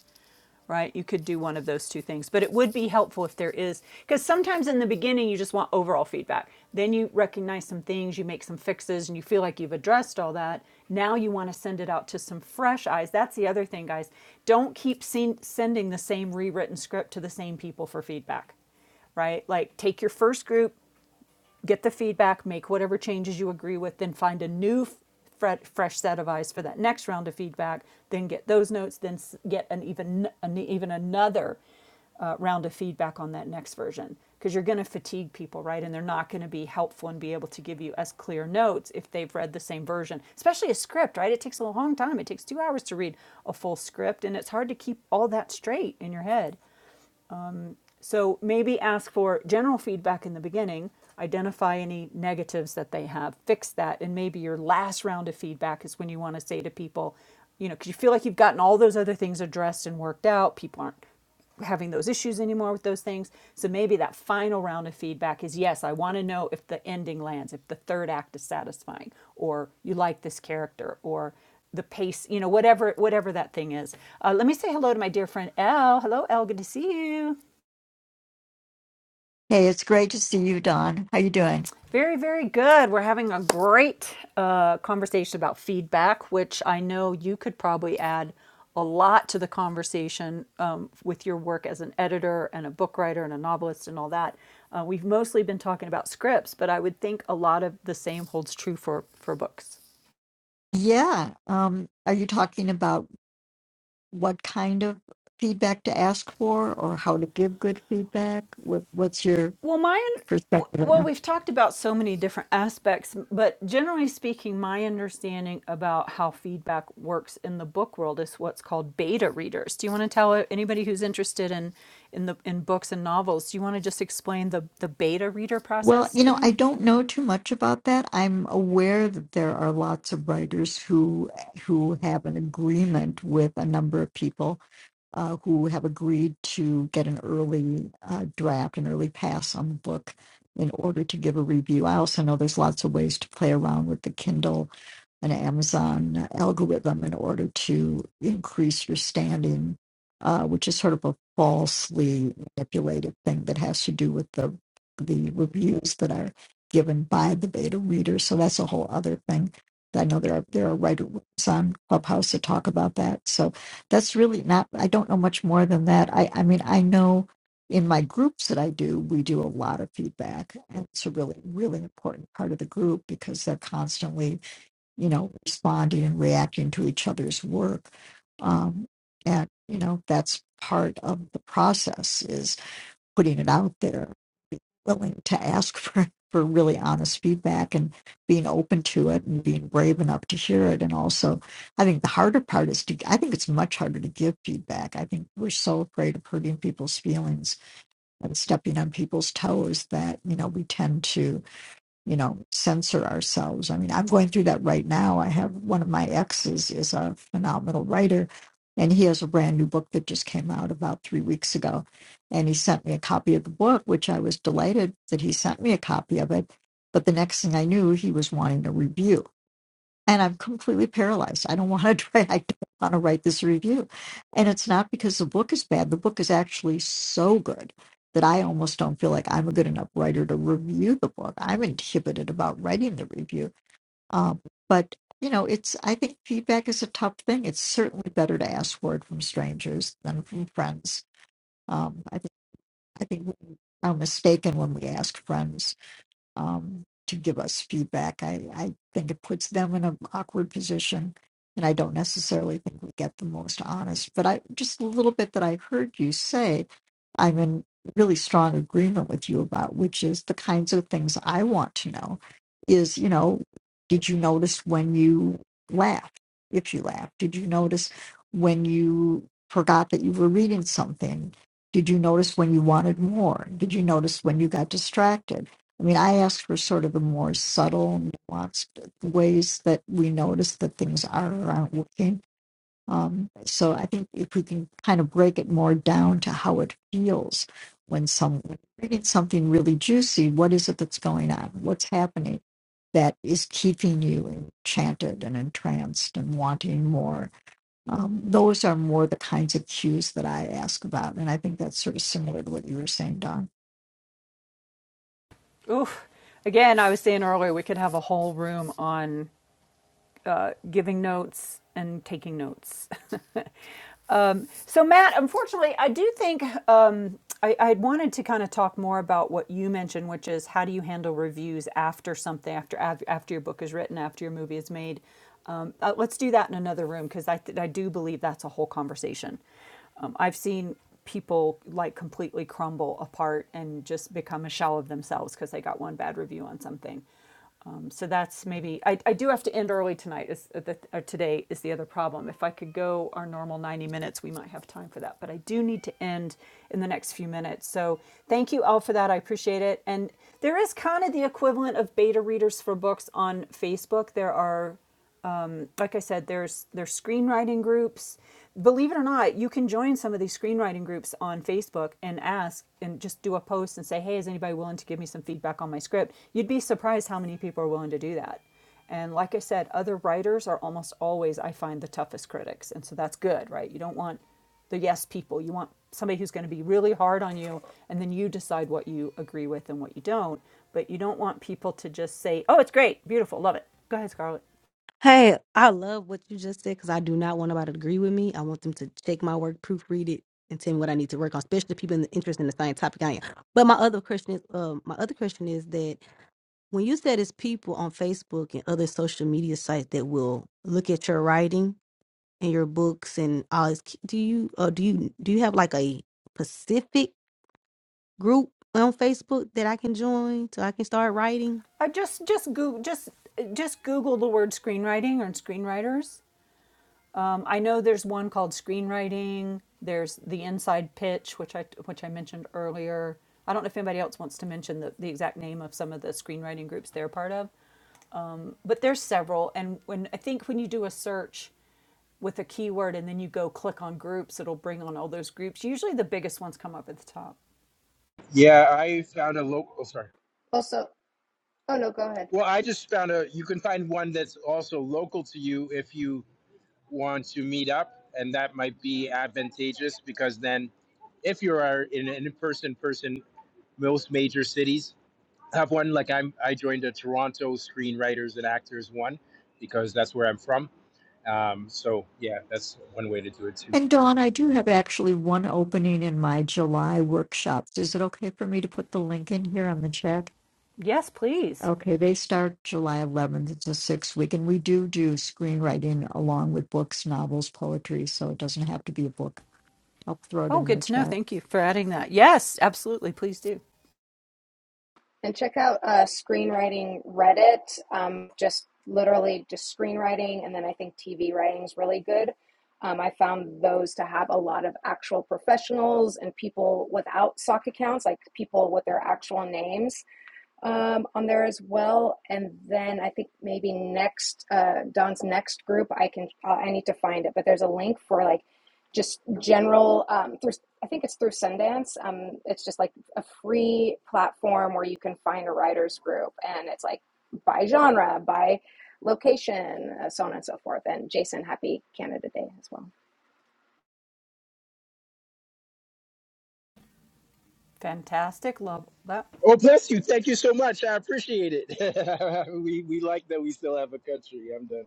S1: right? You could do one of those two things, but it would be helpful if there is, because sometimes in the beginning you just want overall feedback. Then you recognize some things, you make some fixes, and you feel like you've addressed all that. Now you want to send it out to some fresh eyes. That's the other thing, guys. Don't keep sen- sending the same rewritten script to the same people for feedback right? Like take your first group, get the feedback, make whatever changes you agree with, then find a new fresh set of eyes for that next round of feedback, then get those notes, then get an even an, even another uh, round of feedback on that next version because you're going to fatigue people, right? And they're not going to be helpful and be able to give you as clear notes if they've read the same version, especially a script, right? It takes a long time. It takes two hours to read a full script, and it's hard to keep all that straight in your head. So maybe ask for general feedback in the beginning, identify any negatives that they have, fix that, and maybe your last round of feedback is when you want to say to people, you know, because you feel like you've gotten all those other things addressed and worked out. People aren't having those issues anymore with those things. So maybe that final round of feedback is yes, I want to know if the ending lands, if the third act is satisfying, or you like this character, or the pace, you know, whatever whatever that thing is. Uh, let me say hello to my dear friend Elle. Hello, Elle. Good to see you.
S11: Hey, it's great to see you, Don. How you doing?
S1: Very, very good. We're having a great uh, conversation about feedback, which I know you could probably add a lot to the conversation um, with your work as an editor and a book writer and a novelist and all that. Uh, we've mostly been talking about scripts, but I would think a lot of the same holds true for, for books.
S11: Yeah. Um, are you talking about what kind of feedback to ask for or how to give good feedback? What, what's your
S1: Well, my
S11: perspective right
S1: well,
S11: now?
S1: we've talked about so many different aspects, but generally speaking, my understanding about how feedback works in the book world is what's called beta readers. Do you want to tell anybody who's interested in in the in books and novels? Do you want to just explain the the beta reader
S11: Well,
S1: process
S11: you
S1: to
S11: know, I
S1: them?
S11: don't know too much about that. I'm aware that there are lots of writers who who have an agreement with a number of people uh, who have agreed to get an early uh, draft, an early pass on the book in order to give a review. I also know there's lots of ways to play around with the Kindle and Amazon algorithm in order to increase your standing, uh, which is sort of a falsely manipulated thing that has to do with the the reviews that are given by the beta readers. So that's a whole other thing. I know there are there are writers on Clubhouse that talk about that. So that's really not i don't know much more than that i i mean i know in my groups that i do we do a lot of feedback and it's a really really important part of the group because they're constantly you know responding and reacting to each other's work um, and you know that's part of the process Is putting it out there, being willing to ask for, for really honest feedback and being open to it and being brave enough to hear it. And also, I think the harder part is to, I think it's much harder to give feedback. I think we're so afraid of hurting people's feelings and stepping on people's toes that, you know, we tend to you know, censor ourselves. I mean, I'm going through that right now. I have one of my exes is a phenomenal writer, and he has a brand new book that just came out about three weeks ago. And he sent me a copy of the book, which I was delighted that he sent me a copy of it. But the next thing I knew, he was wanting a review and I'm completely paralyzed. I don't want to try. I don't want to write this review, and it's not because the book is bad. The book is actually so good that I almost don't feel like I'm a good enough writer to review the book. I'm inhibited about writing the review. Um, but you know, it's I think feedback is a tough thing. It's certainly better to ask for it from strangers than from friends. Um, I think I think we are mistaken when we ask friends um, to give us feedback. I, I think it puts them in an awkward position, and I don't necessarily think we get the most honest. But I just a little bit that I heard you say, I'm in really strong agreement with you about, which is the kinds of things I want to know. Is you know, did you notice when you laughed? If you laughed, did you notice when you forgot that you were reading something? Did you notice when you wanted more? Did you notice when you got distracted? I mean, I asked for sort of the more subtle, nuanced ways that we notice that things are or aren't working. Um, so I think if we can kind of break it more down to how it feels when some when you're reading something really juicy, what is it that's going on? What's happening that is keeping you enchanted and entranced and wanting more? Um, those are more the kinds of cues that I ask about, and I think that's sort of similar to what you were saying, Don.
S1: Oof. Again, I was saying earlier we could have a whole room on uh, giving notes and taking notes. um, so, Matt, unfortunately, I do think um, I, I wanted to kind of talk more about what you mentioned, which is how do you handle reviews after something, after after your book is written, after your movie is made. Um, uh, let's do that in another room because I, th- I do believe that's a whole conversation. Um, I've seen people like completely crumble apart and just become a shell of themselves because they got one bad review on something. Um, so that's maybe I, I do have to end early tonight is uh, the, or today is the other problem if i could go our normal 90 minutes we might have time for that but i do need to end in the next few minutes so thank you all for that i appreciate it and there is kind of the equivalent of beta readers for books on facebook there are um, like I said, there's there's screenwriting groups. Believe it or not, you can join some of these screenwriting groups on Facebook and ask and just do a post and say, "Hey, is anybody willing to give me some feedback on my script?" You'd be surprised how many people are willing to do that. And like I said, other writers are almost always I find the toughest critics, and so that's good, right? You don't want the yes people. You want somebody who's going to be really hard on you, and then you decide what you agree with and what you don't. But you don't want people to just say, "Oh, it's great, beautiful, love it." Go ahead, Scarlett.
S8: Hey, I love what you just said because I do not want nobody to agree with me. I want them to check my work, proofread it, and tell me what I need to work on, especially people in the interest in the same topic I am. But my other question is, um, my other question is that when you said it's people on Facebook and other social media sites that will look at your writing and your books and all this, do you uh, do you do you have like a specific group on Facebook that I can join so I can start writing?
S1: I just just Google just just Google the word screenwriting or screenwriters. Um, I know there's one called screenwriting. There's the inside pitch, which I which I mentioned earlier. I don't know if anybody else wants to mention the, the exact name of some of the screenwriting groups they're part of, but there's several. And when I think when you do a search with a keyword and then you go click on groups, it'll bring on all those groups. Usually the biggest ones come up at the top.
S9: Yeah, I found a local. Oh, sorry.
S5: also oh no go ahead
S9: Well, I just found a you can find one that's also local to you if you want to meet up, and that might be advantageous because then, if you are in an in-person person, most major cities have one. Like I'm, I joined a Toronto Screenwriters and Actors one because that's where I'm from. Um, so yeah, that's one way to do it too.
S11: And Dawn, I do have actually one opening in my July workshops. Is it okay for me to put the link in here on the chat?
S1: Yes, please.
S11: Okay, they start July 11th. It's a six week, and we do do screenwriting along with books, novels, poetry, so it doesn't have to be a book. I'll throw it
S1: Oh,
S11: in
S1: good
S11: the
S1: to know.
S11: chat.
S1: Thank you for adding that. Yes, absolutely. Please do.
S5: And check out uh, screenwriting Reddit. Um, just literally just screenwriting, and then I think TV writing is really good. Um, I found those to have a lot of actual professionals and people without sock accounts, like people with their actual names, um, on there as well. And then I think maybe next uh, Don's next group, I can uh, I need to find it, but there's a link for like just general um, through. I think it's through Sundance. Um, it's just like a free platform where you can find a writers group, and it's like by genre, by location, uh, so on and so forth. And Jason, happy Canada Day as well.
S1: Fantastic. Love that.
S9: Oh, bless you! Thank you so much. I appreciate it. we we like that we still have a country. I'm done.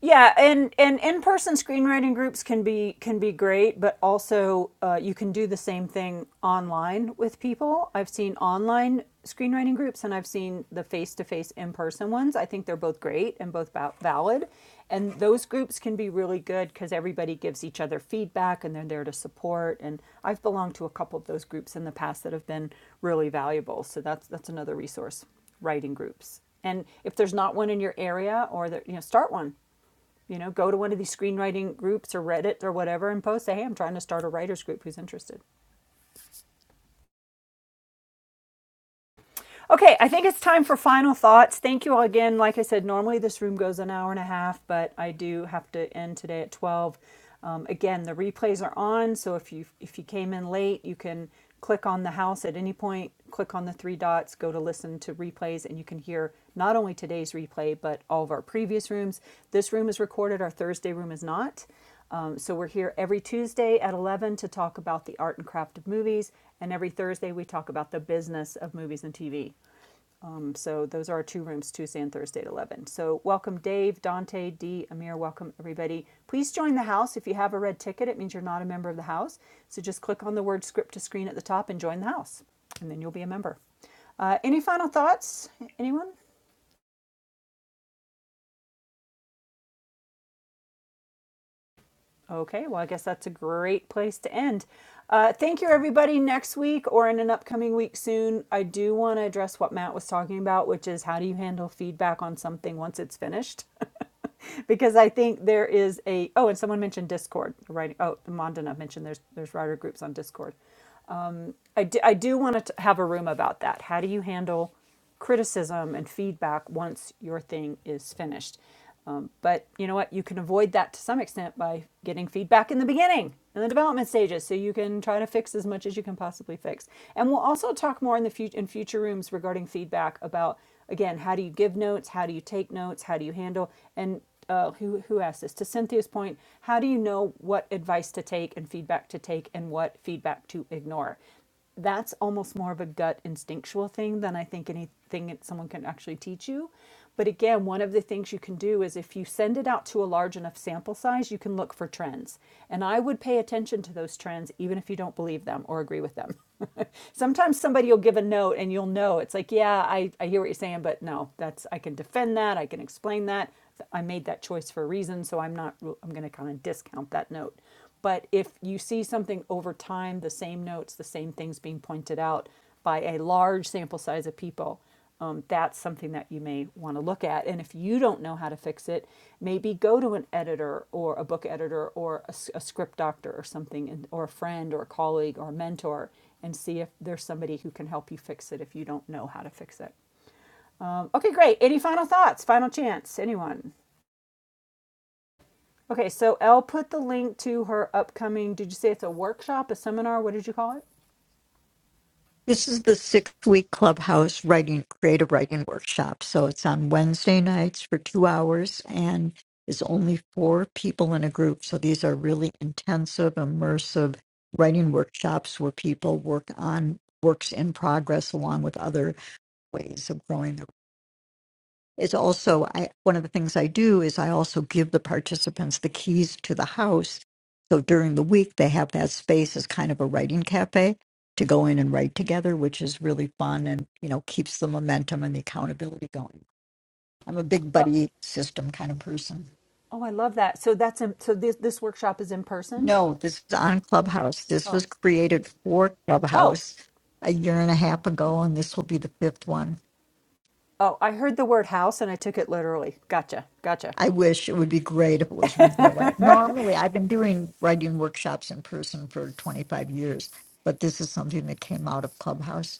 S1: Yeah, and and in-person screenwriting groups can be can be great, but also uh, you can do the same thing online with people. I've seen online screenwriting groups, and I've seen the face-to-face in-person ones. I think they're both great and both val- valid, and those groups can be really good because everybody gives each other feedback and they're there to support. And I've belonged to a couple of those groups in the past that have been really valuable. So that's that's another resource writing groups. And if there's not one in your area or that you know, start one you know go to one of these screenwriting groups or reddit or whatever and post say hey i'm trying to start a writers group who's interested okay i think it's time for final thoughts thank you all again like i said normally this room goes an hour and a half but i do have to end today at 12 um, again the replays are on so if you if you came in late you can click on the house at any point click on the three dots go to listen to replays and you can hear not only today's replay but all of our previous rooms this room is recorded our thursday room is not Um, so we're here every Tuesday at 11 to talk about the art and craft of movies, and every Thursday we talk about the business of movies and TV. Um, so those are our two rooms, Tuesday and Thursday at 11. So welcome Dave, Dante, Dee, Amir, welcome everybody. Please join the house. If you have a red ticket, it means you're not a member of the house. So just click on the word script to screen at the top and join the house, and then you'll be a member. Uh, any final thoughts, anyone? Okay, well, I guess that's a great place to end. Uh, thank you, everybody. Next week or in an upcoming week soon, I do want to address what Matt was talking about, which is how do you handle feedback on something once it's finished? because I think there is a oh, and someone mentioned Discord. Right? Oh, Mondana mentioned there's there's writer groups on Discord. I do, I do want to have a room about that. How do you handle criticism and feedback once your thing is finished? Um, but you know what? You can avoid that to some extent by getting feedback in the beginning, in the development stages, so you can try to fix as much as you can possibly fix. And we'll also talk more in the future in future rooms regarding feedback about again how do you give notes, how do you take notes, how do you handle and uh, who who asked this to Cynthia's point. How do you know what advice to take and feedback to take and what feedback to ignore? that's almost more of a gut instinctual thing than I think anything that someone can actually teach you. But again, one of the things you can do is if you send it out to a large enough sample size, you can look for trends. And I would pay attention to those trends, even if you don't believe them or agree with them. Sometimes somebody will give a note and you'll know it's like, yeah, I, I hear what you're saying, but no, that's I can defend that, I can explain that. I made that choice for a reason, so I'm not I'm going to kind of discount that note. But if you see something over time, the same notes, the same things being pointed out by a large sample size of people, um, that's something that you may want to look at. And if you don't know how to fix it, maybe go to an editor or a book editor or a a script doctor or something, or a friend or a colleague or a mentor, and see if there's somebody who can help you fix it if you don't know how to fix it. Um, okay, great. Any final thoughts? Final chance? Anyone? Okay, so Elle put the link to her upcoming. Did you say it's a workshop, a seminar? What did you call it?
S11: This is the six week clubhouse writing, creative writing workshop. So it's on Wednesday nights for two hours and is only four people in a group. So these are really intensive, immersive writing workshops where people work on works in progress along with other ways of growing their is also I, one of the things I do is I also give the participants the keys to the house. So during the week, they have that space as kind of a writing cafe to go in and write together, which is really fun and, you know, keeps the momentum and the accountability going. I'm a big
S1: Oh,
S11: buddy system kind of person.
S1: oh, I love that. So that's in, so this this workshop is in person.
S11: No, this is on Clubhouse. This
S1: Oh,
S11: was created for
S1: oh,
S11: Clubhouse a year and a half ago, and this will be the fifth one.
S1: oh! I heard the word house and I took it literally. Gotcha, gotcha.
S11: I wish it would be great if it was in real life. Normally, I've been doing writing workshops in person for 25 years, but this is something that came out of Clubhouse.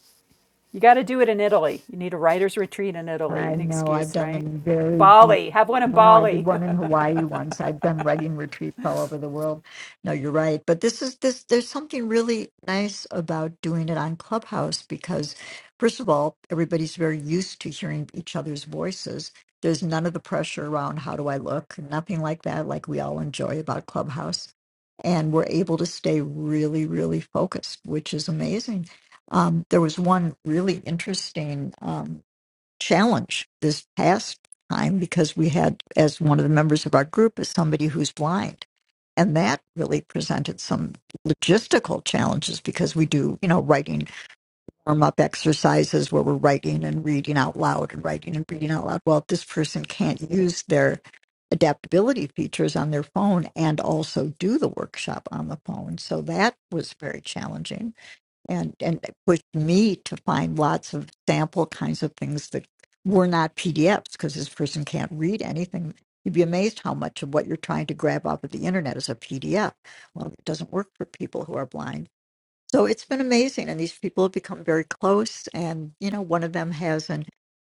S1: You got to do it in Italy. You need a writer's retreat in Italy.
S11: I
S1: An
S11: know I've
S1: excuse,
S11: done
S1: right?
S11: them very deep.
S1: Bali. Have one in
S11: Now I
S1: Bali.
S11: did one in Hawaii once. I've done writing retreats all over the world. No, you're right. But this is this there's something really nice about doing it on Clubhouse because first of all, everybody's very used to hearing each other's voices. There's none of the pressure around how do I look, nothing like that, like we all enjoy about Clubhouse. And we're able to stay really, really focused, which is amazing. Um, there was one really interesting. um, challenge this past time because we had, as one of the members of our group, is somebody who's blind. And that really presented some logistical challenges because we do, you know, writing warm up exercises where we're writing and reading out loud and writing and reading out loud. Well, if this person can't use their adaptability features on their phone and also do the workshop on the phone. So that was very challenging and and it pushed me to find lots of sample kinds of things that were not PDFs because this person can't read anything. You'd be amazed how much of what you're trying to grab off of the internet is a PDF. Well, it doesn't work for people who are blind. So it's been amazing, and these people have become very close. And you know, one of them has an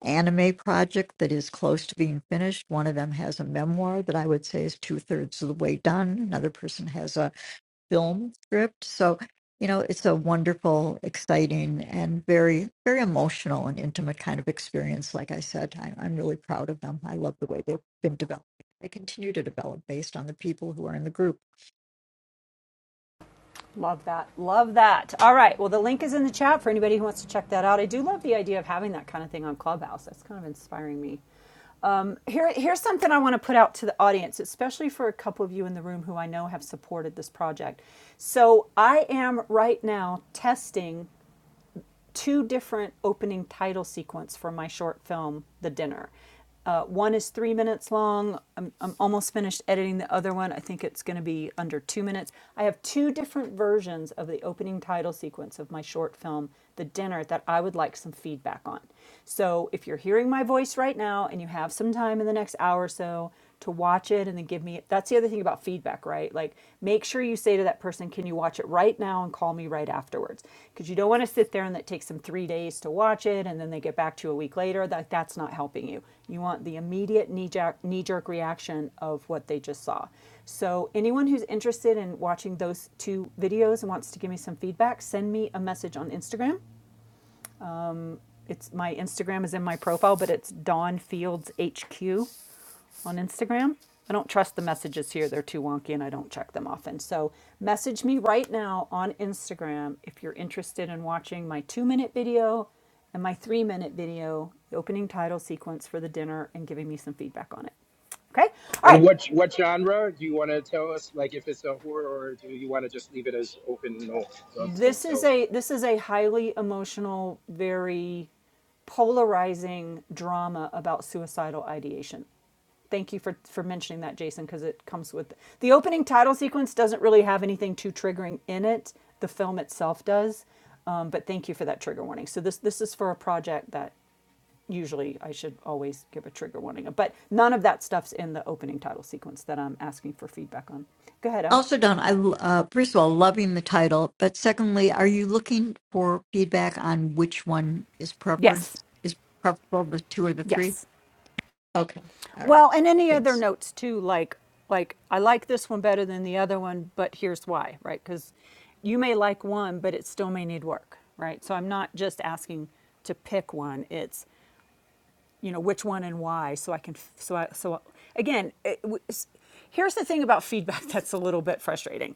S11: anime project that is close to being finished. One of them has a memoir that I would say is two thirds of the way done. Another person has a film script. So, you know, it's a wonderful, exciting, and very, very emotional and intimate kind of experience. Like I said, I, I'm really proud of them. I love the way they've been developed. They continue to develop based on the people who are in the group.
S1: Love that. Love that. All right. Well, the link is in the chat for anybody who wants to check that out. I do love the idea of having that kind of thing on Clubhouse. That's kind of inspiring me. Um, here, here's something I want to put out to the audience, especially for a couple of you in the room who I know have supported this project. So I am right now testing two different opening title sequence for my short film, The Dinner. Uh, one is three minutes long. I'm, I'm almost finished editing the other one. I think it's going to be under two minutes. I have two different versions of the opening title sequence of my short film, The Dinner, that I would like some feedback on. So if you're hearing my voice right now and you have some time in the next hour or so, to watch it and then give me that's the other thing about feedback right like make sure you say to that person can you watch it right now and call me right afterwards because you don't want to sit there and that takes them three days to watch it and then they get back to you a week later that that's not helping you you want the immediate knee-jerk, knee-jerk reaction of what they just saw so anyone who's interested in watching those two videos and wants to give me some feedback send me a message on instagram it's my Instagram is in my profile, but it's Dawn Fields HQ on Instagram. I don't trust the messages here. They're too wonky and I don't check them often. So, message me right now on Instagram if you're interested in watching my two minute video and my three minute video, the opening title sequence for the dinner, and giving me some feedback on it. Okay? All
S9: And
S1: right.
S9: what what genre do you want to tell us? Like, if it's a horror, or do you want to just leave it as open? No, don't don't
S1: This is
S9: tell.
S1: a this is a highly emotional, very polarizing drama about suicidal ideation. thank you for for mentioning that jason because it comes with the opening title sequence doesn't really have anything too triggering in it the film itself does um, but thank you for that trigger warning so this this is for a project that usually i should always give a trigger warning but none of that stuff's in the opening title sequence that i'm asking for feedback on go ahead al
S11: Also, Don, I l- uh, first of all loving the title, but secondly, are you looking for feedback on which one is
S1: Yes.
S11: preference is preferable, the two or the three?
S1: Yes.
S11: Okay, all right,
S1: Well, and any other
S11: thanks.
S1: notes too, like like I like this one better than the other one, but here's why, right? Because you may like one, but it still may need work, right? So I'm not just asking to pick one. It's you know which one and why, so I can so I so again, it, here's the thing about feedback that's a little bit frustrating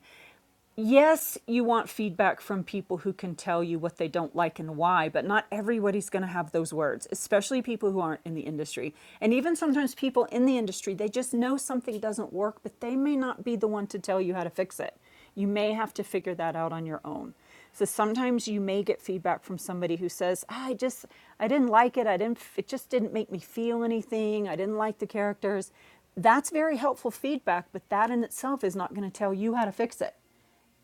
S1: yes, you want feedback from people who can tell you what they don't like and why, but not everybody's going to have those words, especially people who aren't in the industry. And even sometimes people in the industry, they just know something doesn't work, but they may not be the one to tell you how to fix it. You may have to figure that out on your own. So sometimes you may get feedback from somebody who says, "Ah, "I just I didn't like it. I didn't it just didn't make me feel anything. I didn't like the characters." That's very helpful feedback, but that in itself is not going to tell you how to fix it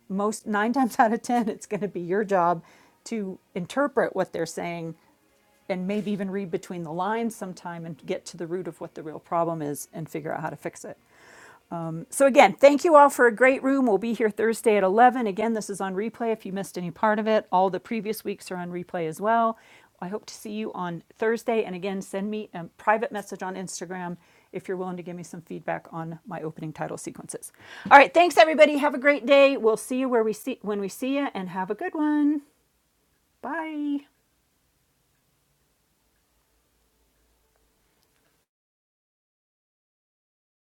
S1: most nine times out of ten it's going to be your job to interpret what they're saying and maybe even read between the lines sometime and get to the root of what the real problem is and figure out how to fix it so again, thank you all for a great room. We'll be here Thursday at 11. Again, this is on replay if you missed any part of it. All the previous weeks are on replay as well. I hope to see you on Thursday. And again, send me a private message on Instagram if you're willing to give me some feedback on my opening title sequences. All right, thanks everybody. Have a great day. We'll see you where we see when we see you and have a good one. Bye.